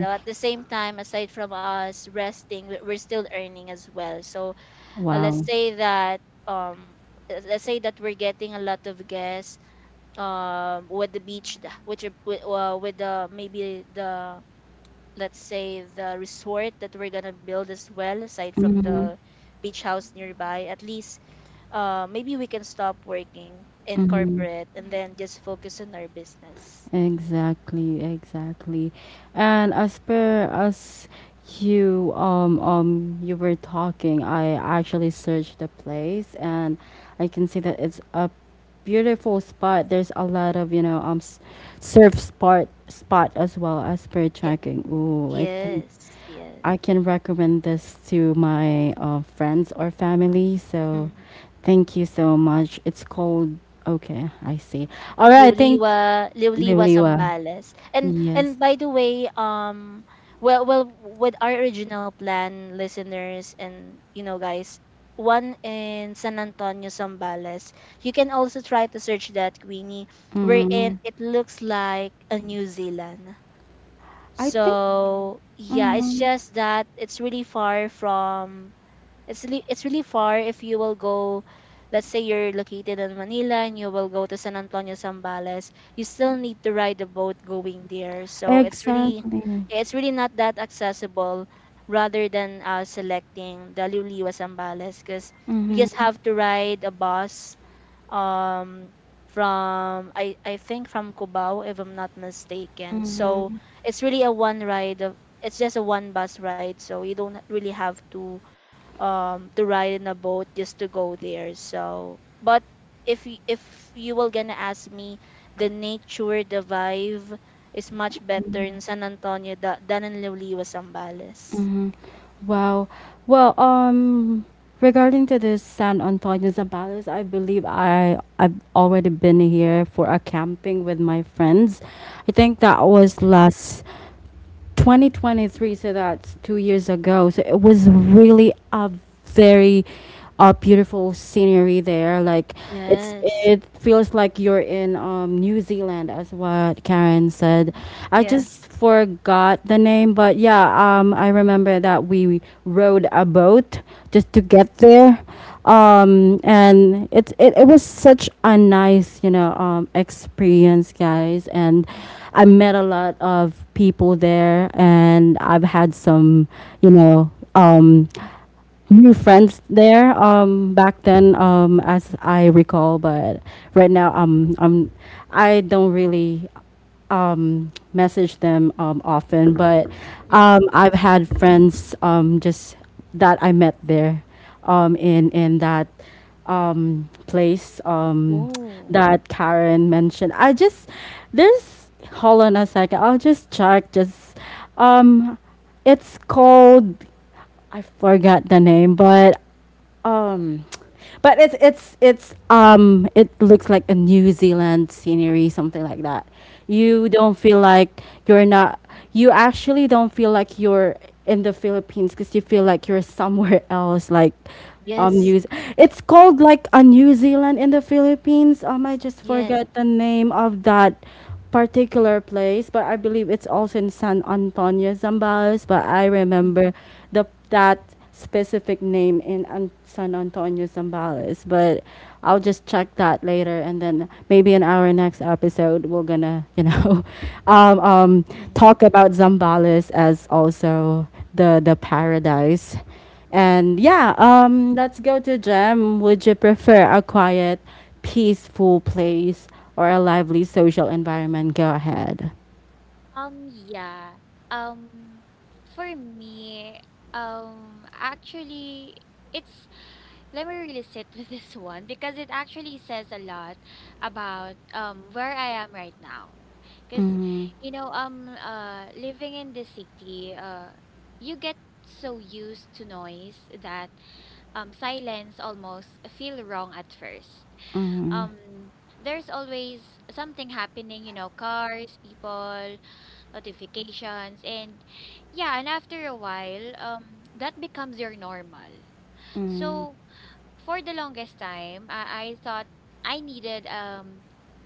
[SPEAKER 2] So at the same time, aside from us resting, we're still earning as well. So uh, let's
[SPEAKER 1] Wow.
[SPEAKER 2] say that um let's say that we're getting a lot of guests with the which are, with the maybe the, let's say, the resort that we're gonna build as well, aside from
[SPEAKER 1] Mhm.
[SPEAKER 2] the beach house nearby. At least maybe we can stop working in corporate and then
[SPEAKER 3] mhm,
[SPEAKER 2] just focus on our business.
[SPEAKER 1] Exactly, exactly. And as per as you you were talking, I actually searched the place, and I can see that it's a beautiful spot. There's a lot of, you know, surf spot as well as per
[SPEAKER 2] Eh,
[SPEAKER 1] checking. Ooh, I think
[SPEAKER 2] yes, yeah.
[SPEAKER 1] I can recommend this to my friends or family. So, thank you so much. It's called. Okay, I see. All right, thank
[SPEAKER 2] Liwliwa, Liwliwa
[SPEAKER 1] Liwliwa.
[SPEAKER 2] Sambales. And
[SPEAKER 1] Yes.
[SPEAKER 2] and by the way, well, well, with our original plan, listeners and you know guys, one in San Antonio Sambales. You can also try to search that, Queenie, wherein
[SPEAKER 1] Mhm.
[SPEAKER 2] it looks like a New Zealand.
[SPEAKER 1] I think
[SPEAKER 3] mhm,
[SPEAKER 2] So yeah, it's
[SPEAKER 1] mhm.
[SPEAKER 2] just that it's really far from it's really far. If you will go, let's say you're located in Manila and you will go to San Antonio Zambales, you still need to ride a boat going there. So it's really,
[SPEAKER 1] Exactly.
[SPEAKER 2] yeah, it's really not that accessible, rather than selecting the Luliwa Zambales, because you just have to ride a bus um from I think from Cubao if I'm not mistaken. So
[SPEAKER 1] Mhm,
[SPEAKER 2] it's really a one ride of it's just a one bus ride, so you don't really have to ride in a boat just to go there. So, but if if you were gonna ask me, the nature, the vibe is much better in San Antonio than in Liliwa Zambales.
[SPEAKER 1] mhm. Wow. Well, regarding to the San Antonio Zambales, I believe I've already been here for a camping with my friends. I think that was
[SPEAKER 2] Mm-hmm.
[SPEAKER 1] last 2023, so that's 2 years ago. So it was really a very A beautiful scenery there. Like, it's
[SPEAKER 2] Yes,
[SPEAKER 1] it feels like you're in New Zealand, as what Karen said.
[SPEAKER 3] mhm,
[SPEAKER 1] I
[SPEAKER 2] yeah.
[SPEAKER 1] just forgot the name, but yeah, I remember that we rode a boat just to get there. And it, it was such a nice, you know, experience, guys. And I met a lot of people there, and I've had some, you know, new friends there back then, as I recall. But right now, I don't really message them often. But
[SPEAKER 2] Mm-hmm.
[SPEAKER 1] I've had friends just that I met there, in that place,
[SPEAKER 2] Oh,
[SPEAKER 1] that Karen mentioned. I just there's hold on a second, I'll just check. Just um it's called I forgot the name. But um, but it's it looks like a New Zealand scenery, something like that. You don't feel like you're not. You actually don't feel like you're in the Philippines, because you feel like you're somewhere <laughs> else. Like,
[SPEAKER 2] yes.
[SPEAKER 1] New.
[SPEAKER 3] mhm.
[SPEAKER 1] It's called like a New Zealand in the Philippines. I just
[SPEAKER 2] Yes.
[SPEAKER 1] forget the name of that particular place, but I believe it's also in San Antonio, Zambales. But I
[SPEAKER 2] Mm-hmm.
[SPEAKER 1] remember the that specific name in San Antonio, Zambales. But I'll just check that later, and then maybe in our next episode, we're gonna, you know, <laughs> um, um,
[SPEAKER 2] Mm-hmm.
[SPEAKER 1] talk about Zambales as also the paradise. And yeah, let's go to Jem. Would you prefer a quiet, peaceful place, or a lively social environment? Go ahead.
[SPEAKER 3] Yeah. Um, for me, actually, it's let me really sit <laughs> with this one because it actually says a lot about where I am right now. Because
[SPEAKER 1] Mm-hmm.
[SPEAKER 3] you know, living in the city, you get so used to noise that silence almost feel wrong at first.
[SPEAKER 1] Mm-hmm.
[SPEAKER 3] Um, there's always something happening, you know, cars, people, notifications, and yeah, and after a while, that becomes your normal. So for the longest time, I thought I needed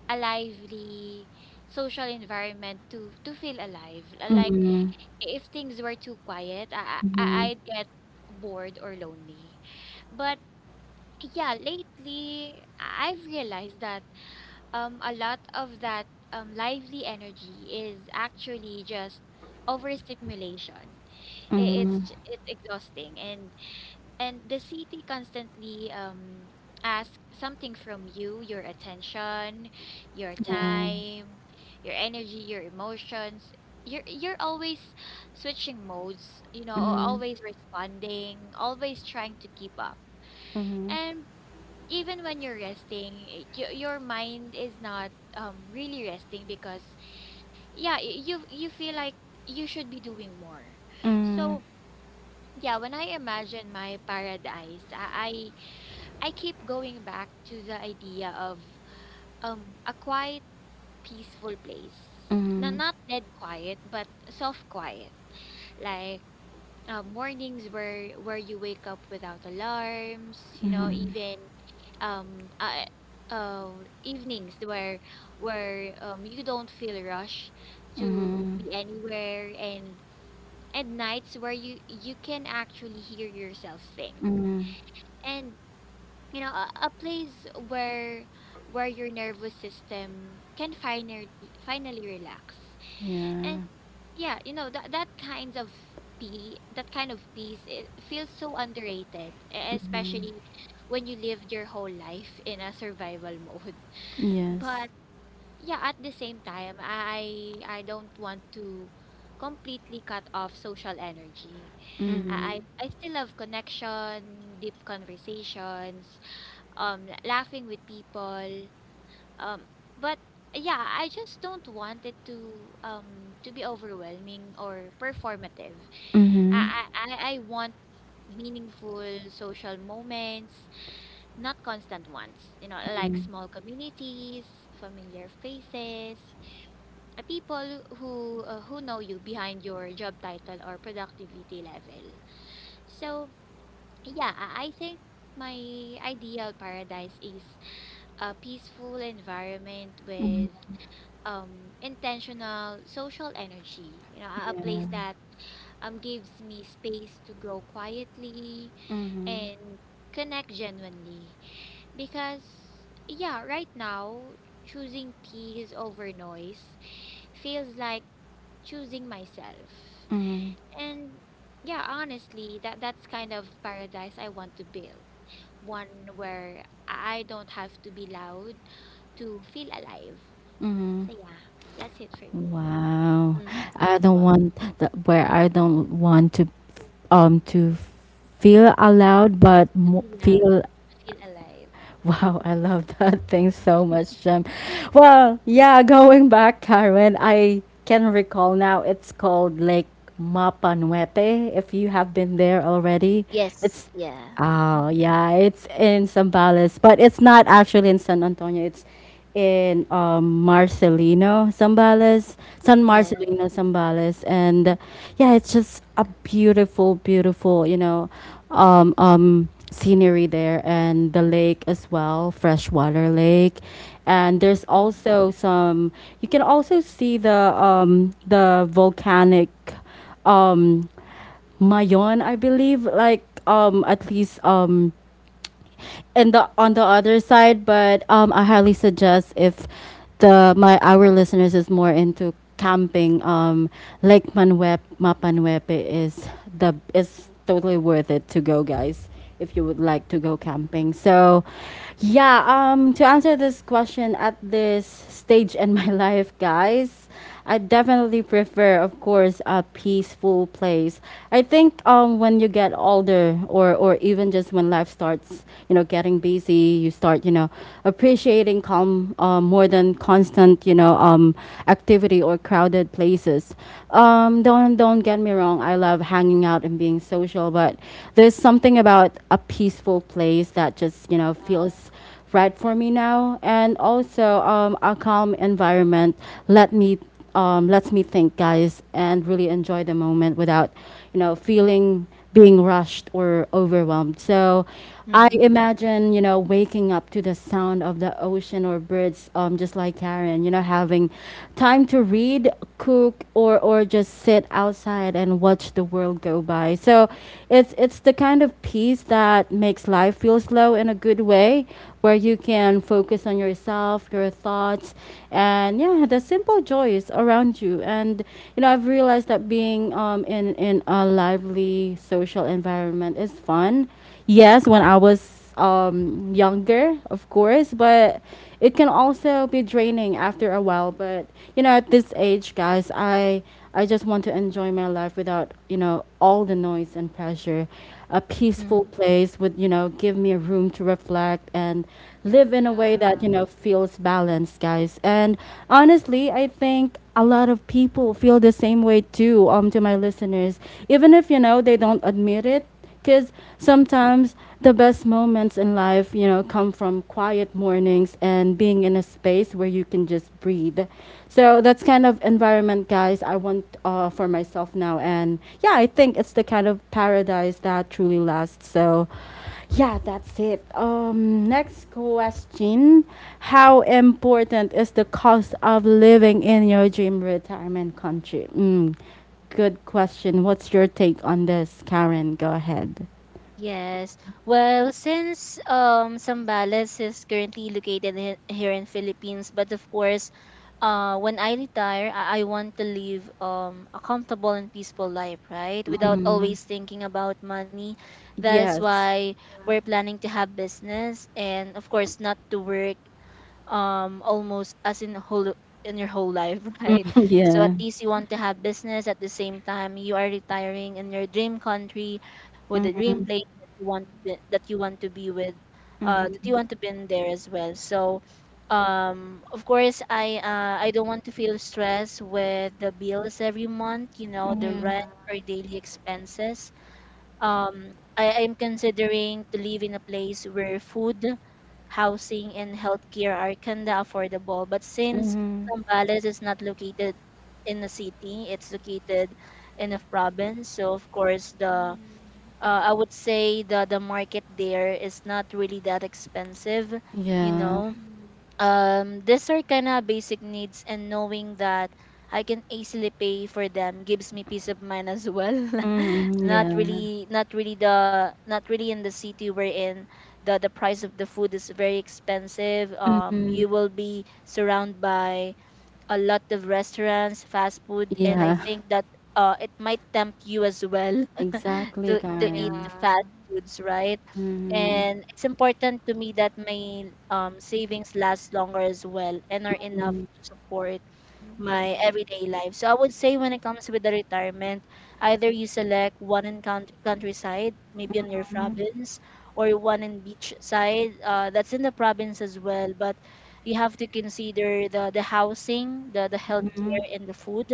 [SPEAKER 3] a lively social environment to feel alive.
[SPEAKER 1] Mm-hmm.
[SPEAKER 3] Like
[SPEAKER 1] Mm-hmm.
[SPEAKER 3] if things were too quiet,
[SPEAKER 1] Mm-hmm.
[SPEAKER 3] I'd get bored or lonely. But yeah, lately I've realized that a lot of that lively energy is actually just overstimulation.
[SPEAKER 1] Mm-hmm.
[SPEAKER 3] It's exhausting and the city constantly asks something from you, your attention, your
[SPEAKER 1] Yeah.
[SPEAKER 3] time, your energy, your emotions. You're always switching modes, you know,
[SPEAKER 1] Mm-hmm.
[SPEAKER 3] always responding, always trying to keep up.
[SPEAKER 1] Mm-hmm.
[SPEAKER 3] And even when you're resting, your mind is not really resting because yeah, you you feel like you should be doing more.
[SPEAKER 1] Mm-hmm.
[SPEAKER 3] So yeah, when I imagine my paradise, I I keep going back to the idea of a quiet, peaceful place. No, not dead quiet, but soft quiet. Like mornings where you wake up without alarms, you know, even um uh, evenings where you don't feel rush to
[SPEAKER 1] Mm-hmm.
[SPEAKER 3] be anywhere and nights where you can actually hear yourself think.
[SPEAKER 1] Mm-hmm.
[SPEAKER 3] And you know a place where your nervous system can finally relax
[SPEAKER 1] Yeah.
[SPEAKER 3] and yeah you know that that kinds of pea that kind of peace, it feels so underrated, especially when you lived your whole life in a survival <laughs> mode.
[SPEAKER 1] Yes.
[SPEAKER 3] But yeah at the same time, I don't want to completely cut off social energy.
[SPEAKER 1] Mm-hmm.
[SPEAKER 2] Hmm.
[SPEAKER 3] I still love connection, deep conversations, laughing with people, um but yeah I just don't want it to be overwhelming or performative.
[SPEAKER 1] Mm-hmm.
[SPEAKER 3] I want meaningful social moments, not constant ones, you know, like small communities, familiar faces, people who know you behind your job title or productivity level. So yeah I think my ideal paradise is a peaceful environment with intentional social energy, you know, a
[SPEAKER 1] Yeah.
[SPEAKER 3] place that gives me space to grow quietly
[SPEAKER 1] Mm-hmm.
[SPEAKER 3] and connect genuinely. Because yeah right now choosing peace over noise feels like choosing myself.
[SPEAKER 1] Mm-hmm.
[SPEAKER 3] And yeah, honestly, that that's kind of paradise I want to build. One where I don't have to be loud to feel alive.
[SPEAKER 1] Mm-hmm.
[SPEAKER 3] So yeah, that's it for me.
[SPEAKER 1] Wow. I don't
[SPEAKER 2] Wow.
[SPEAKER 1] want that, where I don't want to um to feel
[SPEAKER 3] To,
[SPEAKER 1] allowed, but
[SPEAKER 3] to be loud,
[SPEAKER 1] feel
[SPEAKER 3] to feel alive.
[SPEAKER 1] <laughs> Wow, I love that <laughs> thing so much, Jem. Well,
[SPEAKER 3] Mm.
[SPEAKER 1] yeah, going back, Karen, I can recall now, it's called Lake Mapanuete, if you have been there already.
[SPEAKER 2] Yes,
[SPEAKER 1] It's,
[SPEAKER 2] yeah.
[SPEAKER 1] oh,
[SPEAKER 2] Mm.
[SPEAKER 1] yeah, it's in Zambales, but it's not actually in San Antonio. It's in Marcelino, Zambales, San
[SPEAKER 2] Yes.
[SPEAKER 1] Marcelino, Zambales. And yeah, it's just a beautiful, beautiful, you know, scenery there, and the lake as well, freshwater lake. And there's
[SPEAKER 2] Mm-hmm.
[SPEAKER 1] also some. You can also see the volcanic um, Mayon, I believe. Like, at least, and the on the other side. But I highly suggest, if the my our listeners is more into camping, Lake Manwep Mapanwepe is the is totally worth it to go, guys. If you would like to go camping, so yeah. To answer this question at this stage in my <laughs> life, guys. I definitely prefer, of course, a peaceful place. I think when you get older, or even just when life starts, you know, getting busy, you start, you know, appreciating calm, more than constant, you know, activity or crowded places. Don't get me wrong. I love hanging out and being social, but there's something about a peaceful place that just, you know,
[SPEAKER 3] Uh,
[SPEAKER 1] feels right for me now. And also, a calm environment let me lets me think, guys, and really enjoy the moment without, you know, feeling being rushed or overwhelmed. So, I imagine, you know, waking up to the sound of the ocean or birds, just like Karen, you know, having time to read, cook, or, just sit outside and watch the world go by. So it's the kind of peace that makes life feel slow in a good way, where you can focus on yourself, your thoughts, and yeah, the simple joys around you. And you know, I've realized that being in a lively social environment is fun. Yes, when I was younger, of course, but it can also be draining after a while. But you know, at this age, guys, I just want to enjoy my life, without, you know, all the noise and pressure. A
[SPEAKER 2] Mm-hmm.
[SPEAKER 1] peaceful place would, you know, give me a room to reflect, and live in a way
[SPEAKER 3] yeah.
[SPEAKER 1] that, you know, feels balanced, guys. And honestly, I think a lot of people feel the same way too. To my listeners, even if you know, they don't admit it, because
[SPEAKER 3] Mhm,
[SPEAKER 1] sometimes the best moments in life, you know, come from quiet mornings, and being in a space where you can just breathe. So that's kind of environment, guys, I want, for myself now. And yeah, I think it's the kind of paradise that truly lasts. So yeah, that's it. Next question. How important is the cost of living in your dream retirement country? Mm, good question. What's your take on this, Karen? Go ahead.
[SPEAKER 2] Yes. Well, since Zambales is currently located here in Philippines, but of course, when I retire, I want to live a comfortable and peaceful life, right? Without always thinking about money. That is
[SPEAKER 1] Yes.
[SPEAKER 2] why we're planning to have business and of course not to work almost as in whole in your whole life <laughs> right?
[SPEAKER 1] <laughs>
[SPEAKER 3] mhm,
[SPEAKER 2] So at
[SPEAKER 1] yeah.
[SPEAKER 2] least you
[SPEAKER 3] mhm,
[SPEAKER 2] want to
[SPEAKER 3] <laughs>
[SPEAKER 2] have
[SPEAKER 3] mhm.
[SPEAKER 2] business at the same time you are retiring in your dream country with the dream place that you want to be, that
[SPEAKER 1] Mm-hmm.
[SPEAKER 2] you want to be in there as well. So of course, I don't want to feel stressed with the bills every month, you know, the
[SPEAKER 3] Yeah.
[SPEAKER 1] Mm-hmm.
[SPEAKER 2] rent or daily expenses. Um, I am considering to live in a place where food, housing, and healthcare are kinda affordable. But since
[SPEAKER 1] Hmm.
[SPEAKER 2] Zambales is not located in a city, it's located in a province. So of course, the
[SPEAKER 3] Mhm,
[SPEAKER 2] I would say the market there is not really that expensive, you
[SPEAKER 1] Yeah.
[SPEAKER 2] know.
[SPEAKER 3] mhm,
[SPEAKER 2] Um, these are kind of basic needs, and knowing that I can easily pay for them gives me peace of mind as well. <laughs>
[SPEAKER 1] Mm-hmm.
[SPEAKER 2] Not
[SPEAKER 3] mhm,
[SPEAKER 1] Yeah.
[SPEAKER 2] really, not really the not really in the city we're in. The price of the food is very expensive. Um,
[SPEAKER 1] Mm-hmm.
[SPEAKER 2] you will be surrounded by a lot of restaurants, fast food, and I
[SPEAKER 1] Yeah.
[SPEAKER 3] mhm.
[SPEAKER 2] think that it might tempt you as well <laughs>
[SPEAKER 1] Exactly,
[SPEAKER 2] to eat the
[SPEAKER 1] Karen.
[SPEAKER 2] fast
[SPEAKER 3] Yeah.
[SPEAKER 2] foods, right?
[SPEAKER 1] Mm-hmm.
[SPEAKER 2] And it's important to me that my savings last longer as well and are enough to support my
[SPEAKER 3] Mhm,
[SPEAKER 2] everyday life. So I would say, when it comes with the retirement, either you select one in countryside, maybe on your province, or one in beach side. That's in the province as well, but you have to consider the housing, the
[SPEAKER 1] Mm-hmm.
[SPEAKER 2] healthcare, and the food.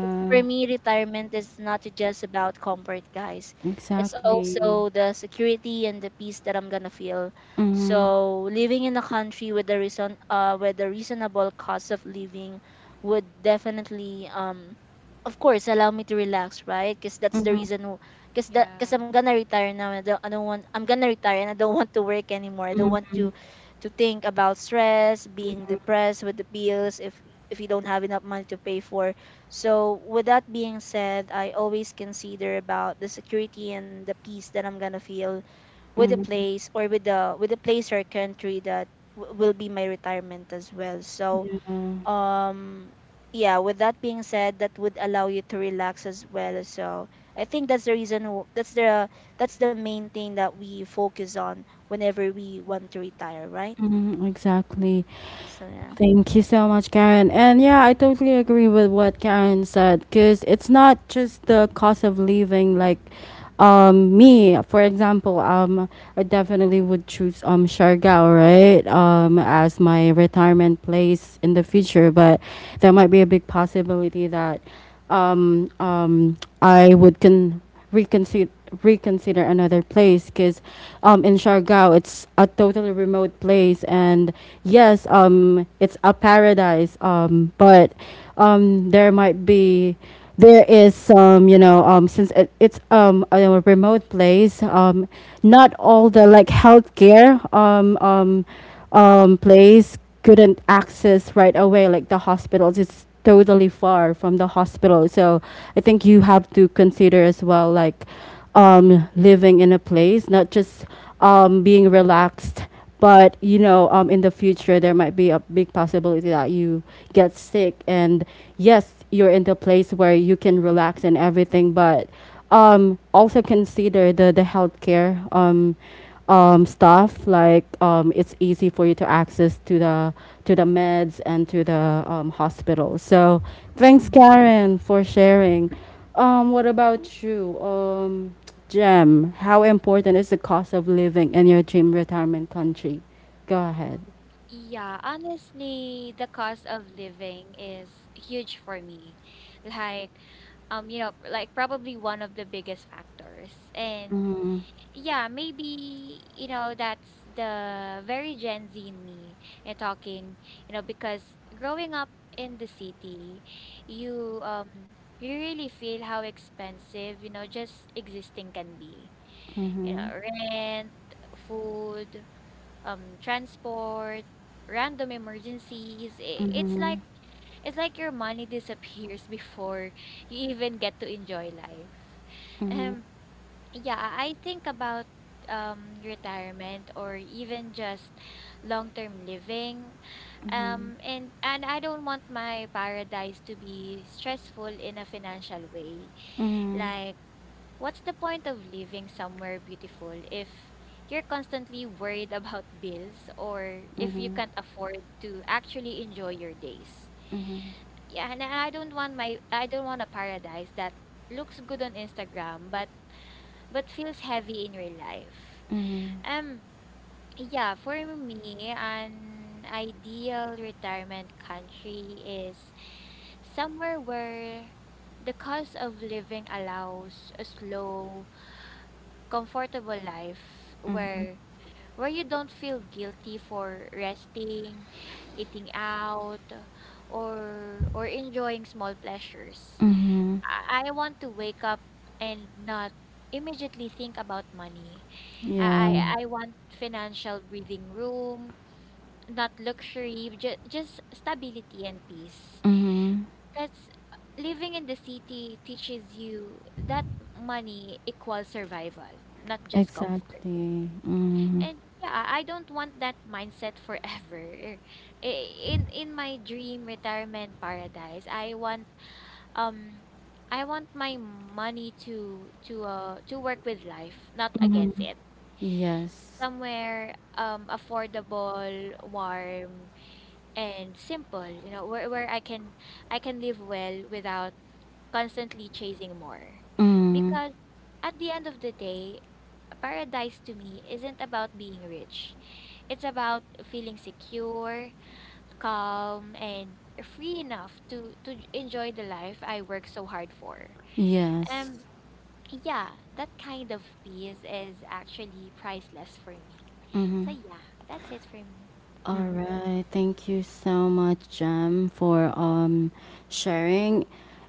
[SPEAKER 2] 'Cause for me, retirement is not just about comfort, guys. It's
[SPEAKER 1] Exactly.
[SPEAKER 2] also the security and the peace that I'm gonna feel.
[SPEAKER 1] Mm-hmm.
[SPEAKER 2] So
[SPEAKER 3] mhm.
[SPEAKER 2] living in a country with a with a reasonable cost of living would definitely, of course, allow me to relax, right? Because that's the
[SPEAKER 1] Mm-hmm.
[SPEAKER 2] reason, because
[SPEAKER 3] Yeah.
[SPEAKER 2] I'm gonna retire now. I don't want, I'm gonna retire and I don't want to work anymore. I don't want
[SPEAKER 1] Mm-hmm.
[SPEAKER 2] to think about stress, being depressed with the bills, if you don't have enough money to pay for. So with that being said, I always consider about the security and the peace that I'm gonna feel with the
[SPEAKER 1] Mm-hmm.
[SPEAKER 2] place, or with the place or country that will be my retirement as well. So
[SPEAKER 1] Yeah.
[SPEAKER 2] um yeah, with that being said, that would allow you to relax as well. So I think that's the reason, that's the, that's the main thing that we focus on whenever we want to retire, right?
[SPEAKER 1] Mm, exactly.
[SPEAKER 2] So yeah.
[SPEAKER 1] Thank you so much, Karen. And yeah, I totally agree with what Karen said, because it's not just the cost of living. Like, me, for example, I definitely would choose Siargao, right, as my retirement place in the future. But there might be a big possibility that I would reconsider reconsider another place, because in Siargao, it's a totally remote place. And yes, it's a paradise, but there might be there is some, you know, since it's a remote place, not all the, like, healthcare place couldn't access right away, like the hospitals. It's totally far from the hospital. So I think you have to consider as well, like, living in a place, not just being relaxed. But you know, in the future, there might be a big possibility that you get sick. And yes, you're in the place where you can relax and everything. But also consider the healthcare. Stuff like it's easy for you to access to the meds and to the hospital. So thanks,
[SPEAKER 2] Hmm.
[SPEAKER 1] Karen, for sharing. What about you, Jem? How important is the cost of living in your dream retirement country? Go ahead.
[SPEAKER 3] Um, yeah, honestly, the cost of living is huge for me. Like, you know, like probably one of the biggest factors. And
[SPEAKER 1] Mm-hmm,
[SPEAKER 3] yeah, maybe, you know, that's the very Gen Z in me and talking, you know, because growing up in the city, you um you really feel how expensive, you know, just existing can be. You
[SPEAKER 1] mm-hmm,
[SPEAKER 3] know, rent, food, transport, random emergencies. It's like your money disappears <laughs> before you even get to enjoy life.
[SPEAKER 1] mm-hmm,
[SPEAKER 3] Um yeah, I think about retirement or even just long-term living. And I don't want my paradise to be stressful in a financial way.
[SPEAKER 1] mm-hmm,
[SPEAKER 3] Like, what's the point of living somewhere beautiful if you're constantly worried about <laughs> bills or if you can't afford to actually enjoy your days? Yeah, and I don't want a paradise that looks good on Instagram but feels heavy in real life.
[SPEAKER 1] mm-hmm.
[SPEAKER 3] Um yeah, for me, an ideal retirement country is somewhere where the cost of living allows a slow comfortable life where you don't feel guilty for resting, eating out, or enjoying small pleasures. I want to wake up and not immediately think about money.
[SPEAKER 1] Yeah.
[SPEAKER 3] I want financial breathing room, not luxury, just stability and peace.
[SPEAKER 1] Mm-hmm.
[SPEAKER 3] Because living in the city teaches you that money equals survival, not just comfort.
[SPEAKER 1] Exactly. Mm-hmm.
[SPEAKER 3] And yeah, I don't want that mindset forever. <laughs> In my dream retirement paradise, um I want my money to to work with life, not
[SPEAKER 1] Mm-hmm.
[SPEAKER 3] against it.
[SPEAKER 1] Yes.
[SPEAKER 3] Somewhere affordable, warm, and simple, you know, where I can live well without constantly chasing more.
[SPEAKER 1] Mm-hmm.
[SPEAKER 3] Because at the end of the day, paradise to me isn't about being rich. It's about feeling secure, calm, and free enough to enjoy the life I work so hard for.
[SPEAKER 1] Yes.
[SPEAKER 3] Um yeah, that kind of peace is actually priceless for me. So yeah, that's it for me.
[SPEAKER 1] All
[SPEAKER 2] Hmm.
[SPEAKER 1] right. Thank you so much, Jem, for sharing.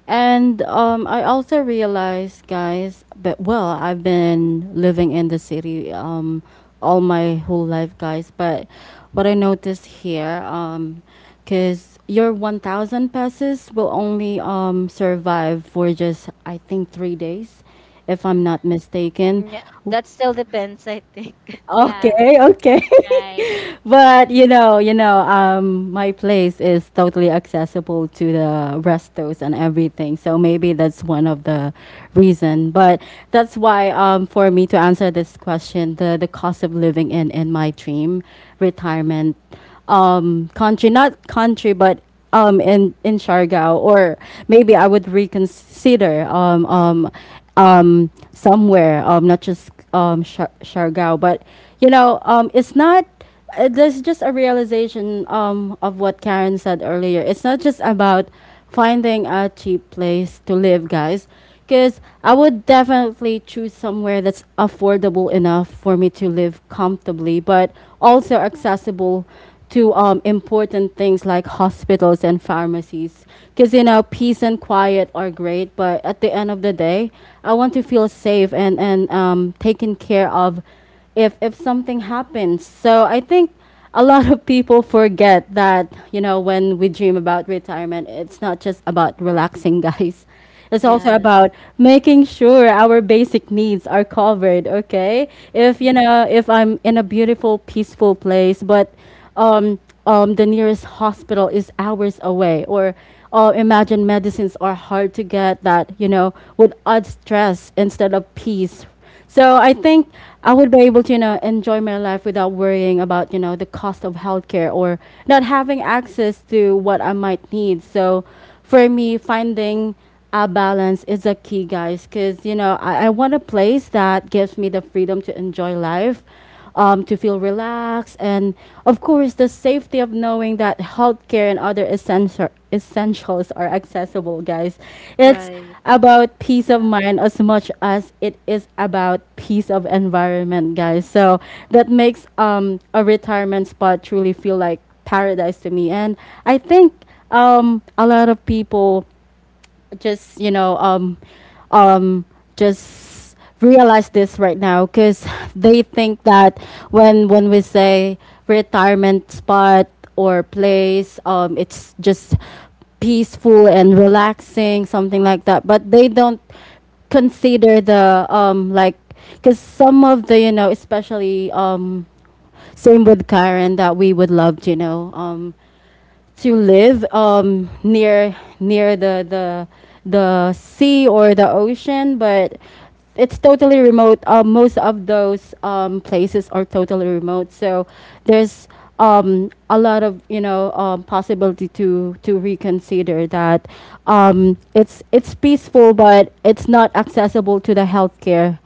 [SPEAKER 1] And I also realized, guys, but well, I've been living in the city all my whole life, guys, but what I noticed here cuz your 1,000 pesos will only survive for just I think 3 days if I'm
[SPEAKER 3] Mhm,
[SPEAKER 1] not mistaken.
[SPEAKER 2] Yeah, that still
[SPEAKER 3] mhm.
[SPEAKER 2] depends, I think.
[SPEAKER 3] Yeah,
[SPEAKER 1] Okay, okay.
[SPEAKER 3] right.
[SPEAKER 1] <laughs> But
[SPEAKER 3] Mhm.
[SPEAKER 1] you know, my place is totally accessible to the restos and everything. So maybe that's one of the reason. But that's why, for me to answer this question, the cost of living in my dream retirement, country not country, but in Siargao, or maybe I would reconsider somewhere not just Siargao, but you know it's not there's just a realization of what Karen said earlier. It's not just about finding a cheap place to live, guys. Because I would definitely choose somewhere that's affordable enough for me to live comfortably, but also accessible to important things like hospitals and pharmacies. Because, you know, peace and quiet are great, but at the end of the day, I want to feel safe and, taken care of if something happens. So I think a lot of people forget that, you know, when we dream about retirement, it's not just about relaxing, <laughs> guys.
[SPEAKER 2] <laughs>
[SPEAKER 1] It's also
[SPEAKER 2] Yes.
[SPEAKER 1] about making sure our basic needs are covered. Okay, if you know if I'm in a beautiful, peaceful place, but um, the nearest hospital is hours away, or imagine medicines are hard to get that you know would add stress instead of peace. So I think I would be able to, you know, enjoy my life without worrying about, you know, the cost of healthcare or not having access to what I might need. So for me, finding a balance is a key, guys, because, you know, I want a place that gives me the freedom to enjoy life, to feel relaxed, and of course, the safety of knowing that healthcare and other essential essentials are accessible, guys. It's
[SPEAKER 2] Right,
[SPEAKER 1] about peace of
[SPEAKER 3] Yeah.
[SPEAKER 1] mind as much as it is about peace of environment, guys. So that makes a retirement spot truly feel like paradise to me. And I think a lot of people just you know um just realize this right now because they think that when we say retirement spot or place, it's just peaceful and relaxing, something like that, but they don't consider the like, because some of the you know especially same with Karen, that we would love you know to live near the sea or the ocean, but it's totally remote. Most of those places are totally remote, so there's a lot of you know possibility to reconsider that. It's peaceful, but it's not accessible to the healthcare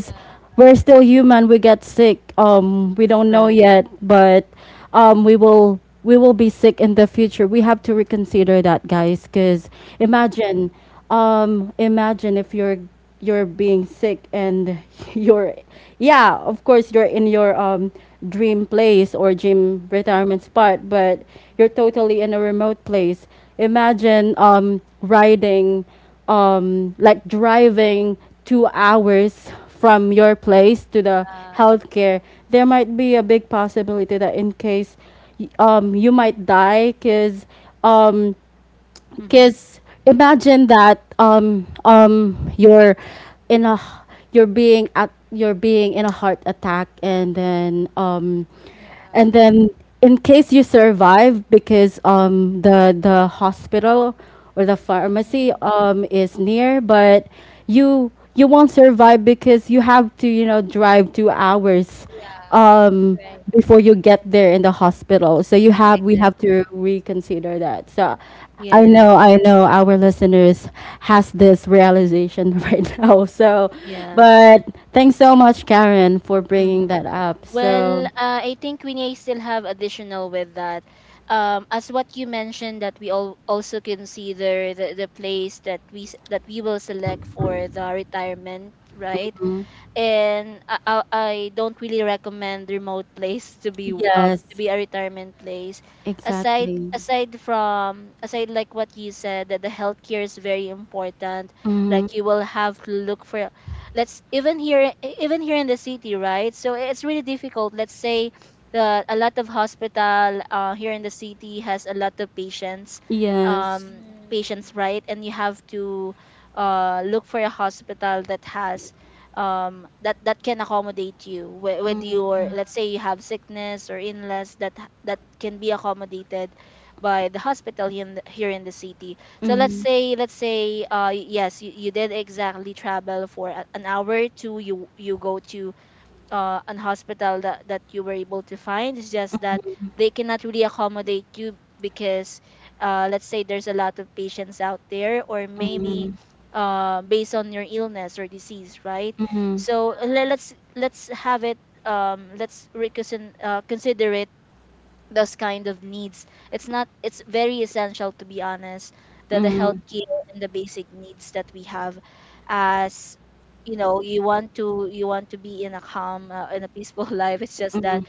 [SPEAKER 3] Yeah.
[SPEAKER 1] we're still human. We get sick. We don't
[SPEAKER 3] Mhm,
[SPEAKER 1] know
[SPEAKER 2] right.
[SPEAKER 1] yet, but we will be sick in the future. We have to reconsider that, guys. Cause
[SPEAKER 3] mhm,
[SPEAKER 1] imagine, imagine if you're you're being sick and <laughs> you're, yeah, of course you're in your dream place or dream
[SPEAKER 3] mhm.
[SPEAKER 1] retirement spot, but you're totally in a remote place. Imagine riding like driving 2 hours from your place to the
[SPEAKER 3] Yeah.
[SPEAKER 1] healthcare, there might be a big possibility that in case you might die um,
[SPEAKER 2] Mm-hmm.
[SPEAKER 1] because imagine that you're in a you're being at you're being in a heart attack,
[SPEAKER 3] Yeah.
[SPEAKER 1] and then in case you survive because the hospital or the pharmacy
[SPEAKER 3] Mhm.
[SPEAKER 1] is near, but you won't survive because you have to, you know, drive 2 hours
[SPEAKER 3] Yeah.
[SPEAKER 1] um
[SPEAKER 3] Right.
[SPEAKER 1] before you get there in the hospital, so you have we have
[SPEAKER 2] Exactly.
[SPEAKER 1] to reconsider that. So I
[SPEAKER 2] Yes.
[SPEAKER 1] know I know our listeners has this realization <laughs> right now, so
[SPEAKER 2] Yeah.
[SPEAKER 1] but thanks so much, Karen, for bringing
[SPEAKER 2] Mm-hmm.
[SPEAKER 1] that up.
[SPEAKER 2] Well,
[SPEAKER 1] So
[SPEAKER 2] I think we may still have additional with that. As what you mentioned, that we all also consider the place that we that we will select for the retirement, right? And I don't really recommend remote place
[SPEAKER 1] mm. Yes,
[SPEAKER 2] to be a retirement place. Aside
[SPEAKER 1] exactly.
[SPEAKER 2] aside from aside like what you said, that the healthcare is very important.
[SPEAKER 1] Mm-hmm.
[SPEAKER 2] Like, you will have to look for, let's even here, even here in the city, right? So it's really difficult. Let's say that a lot of hospital here in the city has a lot of patients,
[SPEAKER 1] Yes.
[SPEAKER 2] um
[SPEAKER 3] Mm-hmm.
[SPEAKER 2] right? And you have to look for a hospital that has that that can accommodate you with your, let's say you have sickness or illness that that can be accommodated by the hospital here in the city. So let's
[SPEAKER 1] Mm-hmm.
[SPEAKER 2] say, yes, you did exactly travel for an hour or two, you go to an hospital that, that you were able to find. It's just that they cannot really accommodate you because, let's say, there's a lot of patients out there, or maybe
[SPEAKER 1] Mm-hmm.
[SPEAKER 2] based on your illness or disease, right? So let's have it. Let's reconsider, consider it, those kind of needs. It's not it's very essential to be honest that the
[SPEAKER 1] Mm-hmm.
[SPEAKER 2] healthcare and the
[SPEAKER 3] Mhm,
[SPEAKER 2] basic needs that we have. As you know, you want to, you want to be in a calm, in a peaceful <laughs> life. It's just
[SPEAKER 1] Mm-hmm.
[SPEAKER 2] that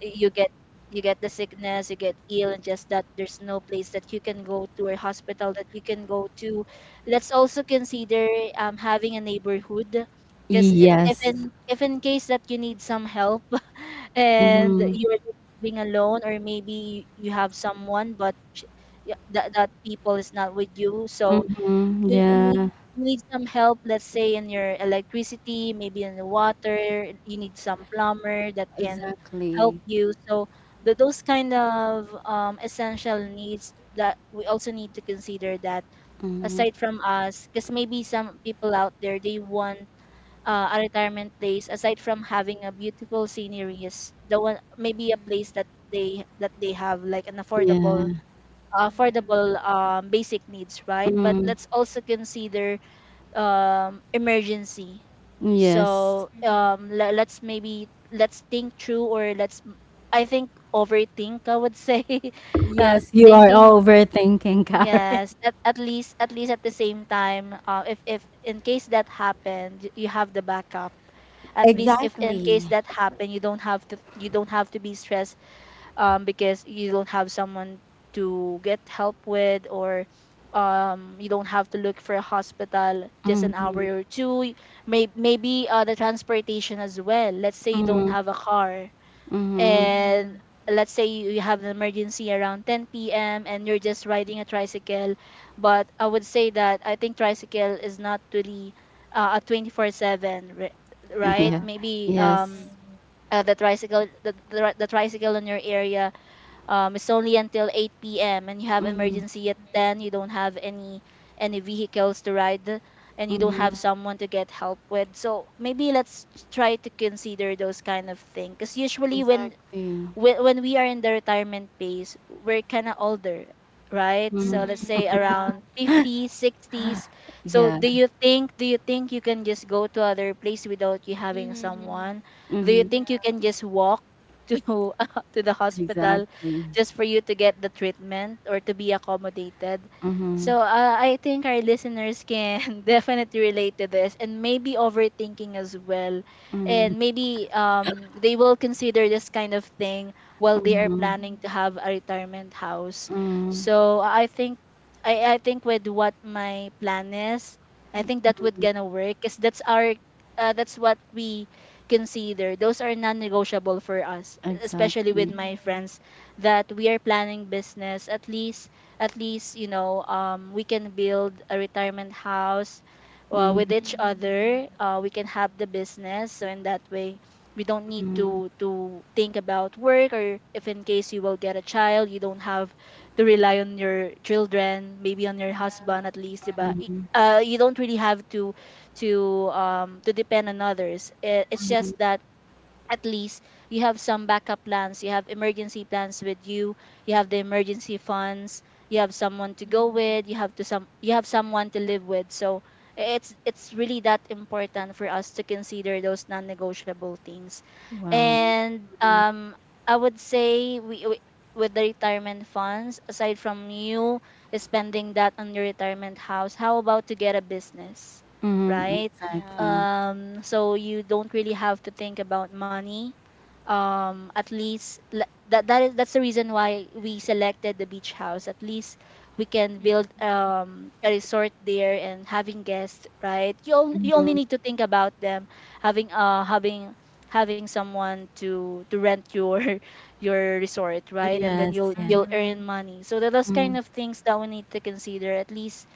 [SPEAKER 2] you get you get the sickness, you get ill, and just that there's no place that you can go to, or hospital that you can go to. Let's also consider having a neighborhood, because if,
[SPEAKER 1] Yes.
[SPEAKER 2] in if in case that you need some help <laughs> and
[SPEAKER 1] Mm-hmm.
[SPEAKER 2] you're just living alone, or maybe you have someone but that that people is not with you. So
[SPEAKER 1] Mm-hmm.
[SPEAKER 2] you need,
[SPEAKER 1] Yeah,
[SPEAKER 2] you need some help, let's say in your electricity, maybe in the water, you need some plumber that can help
[SPEAKER 1] exactly.
[SPEAKER 2] you. So the, those kind of essential needs that we also need to consider, that
[SPEAKER 1] Mm-hmm.
[SPEAKER 2] aside from us, because maybe some people out there, they want a retirement place aside from having a beautiful scenery is the one, maybe a
[SPEAKER 3] mhm,
[SPEAKER 2] place that they have like an affordable
[SPEAKER 1] Yeah.
[SPEAKER 3] yeah,
[SPEAKER 2] basic needs, right? But
[SPEAKER 1] Mm,
[SPEAKER 2] let's also consider emergency.
[SPEAKER 1] yes.
[SPEAKER 2] So
[SPEAKER 3] mhm,
[SPEAKER 2] let's maybe let's think through, or let's m- I think overthink, I would say, <laughs>
[SPEAKER 1] Yes, you are
[SPEAKER 2] thinking.
[SPEAKER 1] overthinking, Karen. <laughs>
[SPEAKER 2] Yes, at least, at least at the same time, if in case that happened, you have the backup. At least
[SPEAKER 3] mhm,
[SPEAKER 2] if in
[SPEAKER 1] Exactly.
[SPEAKER 2] case that happened, you don't have to, you don't have to be stressed, because you don't have someone to get help with, or you don't have to look for a hospital just an
[SPEAKER 1] Mm,
[SPEAKER 2] hour or two. Maybe the transportation as well. Let's say you don't
[SPEAKER 1] mm,
[SPEAKER 2] have a car
[SPEAKER 1] mm,
[SPEAKER 3] mhm,
[SPEAKER 2] and let's say you you have an emergency around 10 p.m. and you're just riding a tricycle. But I would say that I think tricycle is not really a 24/7, right?
[SPEAKER 3] yeah,
[SPEAKER 1] yeah.
[SPEAKER 2] Maybe
[SPEAKER 1] Yes.
[SPEAKER 2] um,
[SPEAKER 3] mhm,
[SPEAKER 2] uh, the tricycle the, the, the tricycle in your area, it's only until 8 p.m. and you have
[SPEAKER 1] Mm,
[SPEAKER 2] emergency at 10, you
[SPEAKER 3] mhm,
[SPEAKER 2] don't have any vehicles to ride, and you don't
[SPEAKER 3] yeah,
[SPEAKER 2] have
[SPEAKER 1] mm,
[SPEAKER 2] someone to get help with. So maybe let's try to consider those kind of things. Because usually when
[SPEAKER 1] exactly.
[SPEAKER 2] when, when we are in the retirement phase, we're kind of older, right?
[SPEAKER 1] Mm,
[SPEAKER 2] So let's say
[SPEAKER 3] mhm, yeah,
[SPEAKER 2] around 50s, 60s. So
[SPEAKER 1] yeah.
[SPEAKER 2] do you think you can just go to other place without you having
[SPEAKER 3] mhm,
[SPEAKER 2] someone? Do you
[SPEAKER 1] Mm,
[SPEAKER 3] yeah,
[SPEAKER 2] think you can just walk to <laughs> to the hospital
[SPEAKER 1] exactly.
[SPEAKER 2] just for you to get the treatment or to be accommodated?
[SPEAKER 1] Mm,
[SPEAKER 2] So I think our listeners can <laughs> definitely relate to this and maybe overthinking as well, and maybe they will consider this kind of thing while they are planning
[SPEAKER 3] mhm,
[SPEAKER 2] to have a retirement house.
[SPEAKER 1] mm,
[SPEAKER 2] So I think with what my plan is, I think that would gonna work because that's our that's what we consider, those are non-negotiable for us, especially with
[SPEAKER 1] exactly.
[SPEAKER 2] my
[SPEAKER 3] mhm,
[SPEAKER 2] friends that we are planning business. At least you know, we can build a retirement house
[SPEAKER 1] Mm,
[SPEAKER 2] with each
[SPEAKER 3] mhm,
[SPEAKER 2] other. We can have the business, so in that way, we don't need to think about work, or if in case you will get a child, you don't have to rely on your children, maybe on your
[SPEAKER 3] yeah,
[SPEAKER 2] husband at least, diba? You don't really have to depend on others. It's just that at least you have some backup plans, you have emergency plans with you, you have the emergency funds, you have someone to go
[SPEAKER 3] mhm,
[SPEAKER 2] with, you have someone to live with. So it's really that important for us to consider those non-negotiable things.
[SPEAKER 1] wow.
[SPEAKER 2] And
[SPEAKER 1] Mm,
[SPEAKER 2] I would say we, with the retirement funds, aside from you spending that on your retirement house, how about to get a business,
[SPEAKER 1] mm,
[SPEAKER 2] right?
[SPEAKER 3] yeah,
[SPEAKER 1] exactly.
[SPEAKER 2] So you don't really have to think about money. That is, that's the reason why we selected the beach house. At least we can
[SPEAKER 3] mhm,
[SPEAKER 2] build a resort there and having guests, right? You only
[SPEAKER 1] Mm,
[SPEAKER 2] need to think about them having having someone to rent your <laughs> your resort, right? And then
[SPEAKER 1] yes, yeah.
[SPEAKER 2] you'll
[SPEAKER 3] mhm,
[SPEAKER 2] earn money. So that those kind
[SPEAKER 1] Mm,
[SPEAKER 2] of things that we need to consider, at least.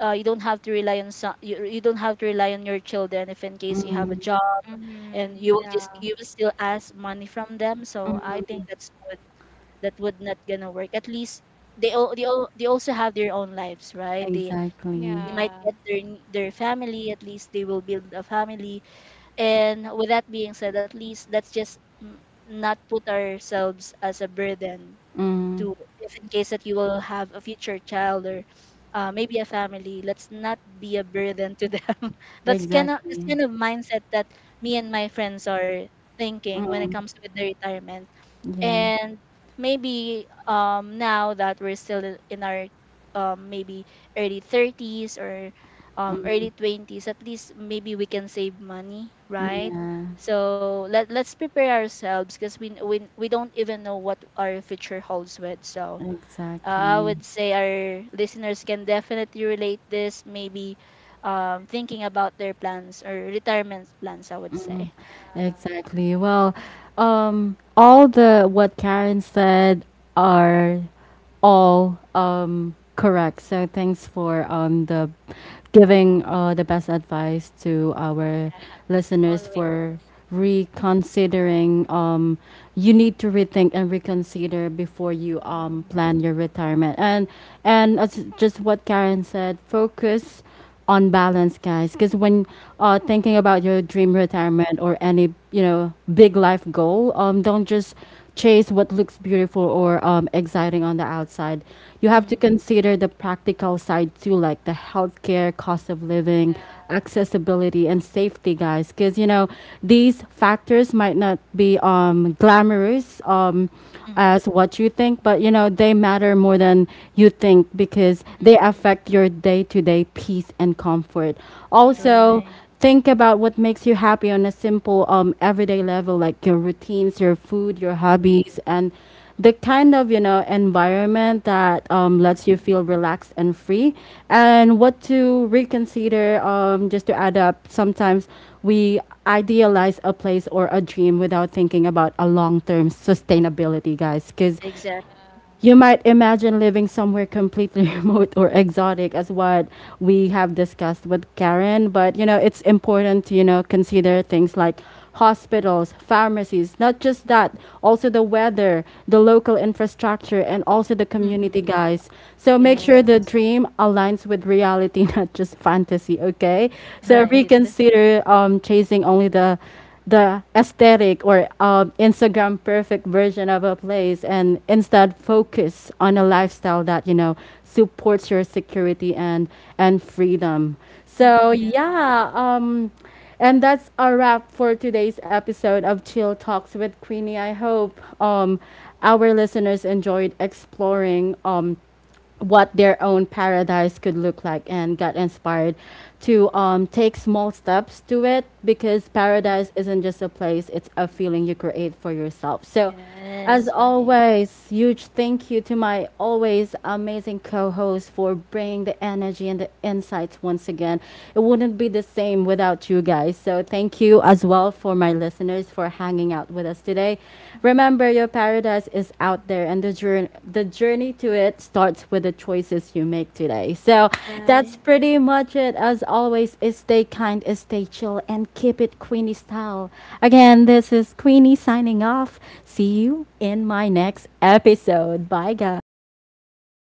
[SPEAKER 2] You don't have to rely on some, you don't have to rely on your children if in case you have a
[SPEAKER 1] mm,
[SPEAKER 2] job, and
[SPEAKER 3] mhm, yeah,
[SPEAKER 2] you will still ask money from them. So I think that would not gonna work. At least they also have their own lives, right?
[SPEAKER 1] exactly.
[SPEAKER 2] They
[SPEAKER 3] yeah,
[SPEAKER 2] might get their family, at least they will build a family. And with that being said, at least let's just not put ourselves as a burden
[SPEAKER 1] Mm,
[SPEAKER 2] to, if in case that you will have a future child or maybe a family, let's not be a burden to them. <laughs> That's
[SPEAKER 1] exactly.
[SPEAKER 2] kind of mindset that me and my friends are thinking when it
[SPEAKER 1] Mm,
[SPEAKER 2] comes with the retirement.
[SPEAKER 1] yeah.
[SPEAKER 2] And maybe now that we're still in our maybe early 30s, or early 20s, at least maybe we can save money, right?
[SPEAKER 1] Yeah,
[SPEAKER 2] So let's prepare ourselves, because we don't even know what our future holds with. So I
[SPEAKER 1] exactly.
[SPEAKER 2] would say our listeners can definitely relate this, maybe thinking about their plans or retirement plans, I would say.
[SPEAKER 3] yeah,
[SPEAKER 1] Exactly. Well, all the what Karen said are all correct. So thanks for the giving the best advice to
[SPEAKER 3] yeah,
[SPEAKER 1] our
[SPEAKER 3] <laughs>
[SPEAKER 1] listeners
[SPEAKER 3] always.
[SPEAKER 1] for reconsidering. You need to rethink and reconsider before you
[SPEAKER 3] Mhm,
[SPEAKER 1] plan your retirement. And as just what Karen said, focus on balance, guys. Because when thinking about your dream retirement or any you know big life goal, don't just chase what looks beautiful or exciting on the outside. You have to
[SPEAKER 2] Mm-hmm.
[SPEAKER 1] consider the practical side too, like the healthcare, cost of living,
[SPEAKER 3] yeah,
[SPEAKER 1] accessibility, and safety, guys. Because you know these factors might not be glamorous.
[SPEAKER 2] Mm-hmm.
[SPEAKER 1] As what you think, but you know, they matter more than you think because they
[SPEAKER 3] mhm,
[SPEAKER 1] affect your day to day peace and comfort.
[SPEAKER 3] yeah,
[SPEAKER 1] Also,
[SPEAKER 2] Right.
[SPEAKER 1] think about what makes you happy on a simple everyday level, like your routines, your food, your
[SPEAKER 3] true.
[SPEAKER 1] hobbies, and the kind of you know environment that lets you
[SPEAKER 3] Mhm,
[SPEAKER 1] feel relaxed and free, and what to reconsider. Just to add up, sometimes we idealize a place or a dream without thinking about a long-term sustainability, guys, because
[SPEAKER 2] Exactly.
[SPEAKER 3] yeah,
[SPEAKER 1] you might imagine living somewhere completely <laughs> remote or exotic, as what we have discussed with Karen. But you know, it's important to, you know, consider things like hospitals, pharmacies, not just that, also the weather, the local infrastructure, and also the community, guys. So make sure
[SPEAKER 3] yeah,
[SPEAKER 1] the
[SPEAKER 2] Yes.
[SPEAKER 1] dream aligns with reality, <laughs> not just fantasy, okay? So
[SPEAKER 2] Right.
[SPEAKER 1] reconsider chasing only the aesthetic or Instagram perfect version of a place, and instead focus on a lifestyle that you know supports your security and freedom.
[SPEAKER 2] Mm-hmm.
[SPEAKER 1] So
[SPEAKER 3] yeah,
[SPEAKER 1] yeah, and that's a wrap for today's episode of Chill Talks with Queenie. I hope our listeners enjoyed exploring what their own paradise could look like and got inspired to take small steps to it because paradise isn't just a place, it's a feeling you create for yourself. So,
[SPEAKER 2] Yes.
[SPEAKER 1] as
[SPEAKER 3] yeah.
[SPEAKER 2] Right.
[SPEAKER 1] always, huge thank you to my always amazing co host for bringing the energy and the insights once again. It wouldn't be the same without you guys. So, thank you as well for my listeners for hanging out with us today. Remember, your paradise is out there, and the journey to it starts with the choices you make today. So that's
[SPEAKER 2] Right.
[SPEAKER 1] pretty much it. As always, is stay kind, is stay chill, and keep it Queenie style. Again, this is Queenie signing off. See you in my next episode. Bye,
[SPEAKER 3] Bye, guys.
[SPEAKER 1] guys.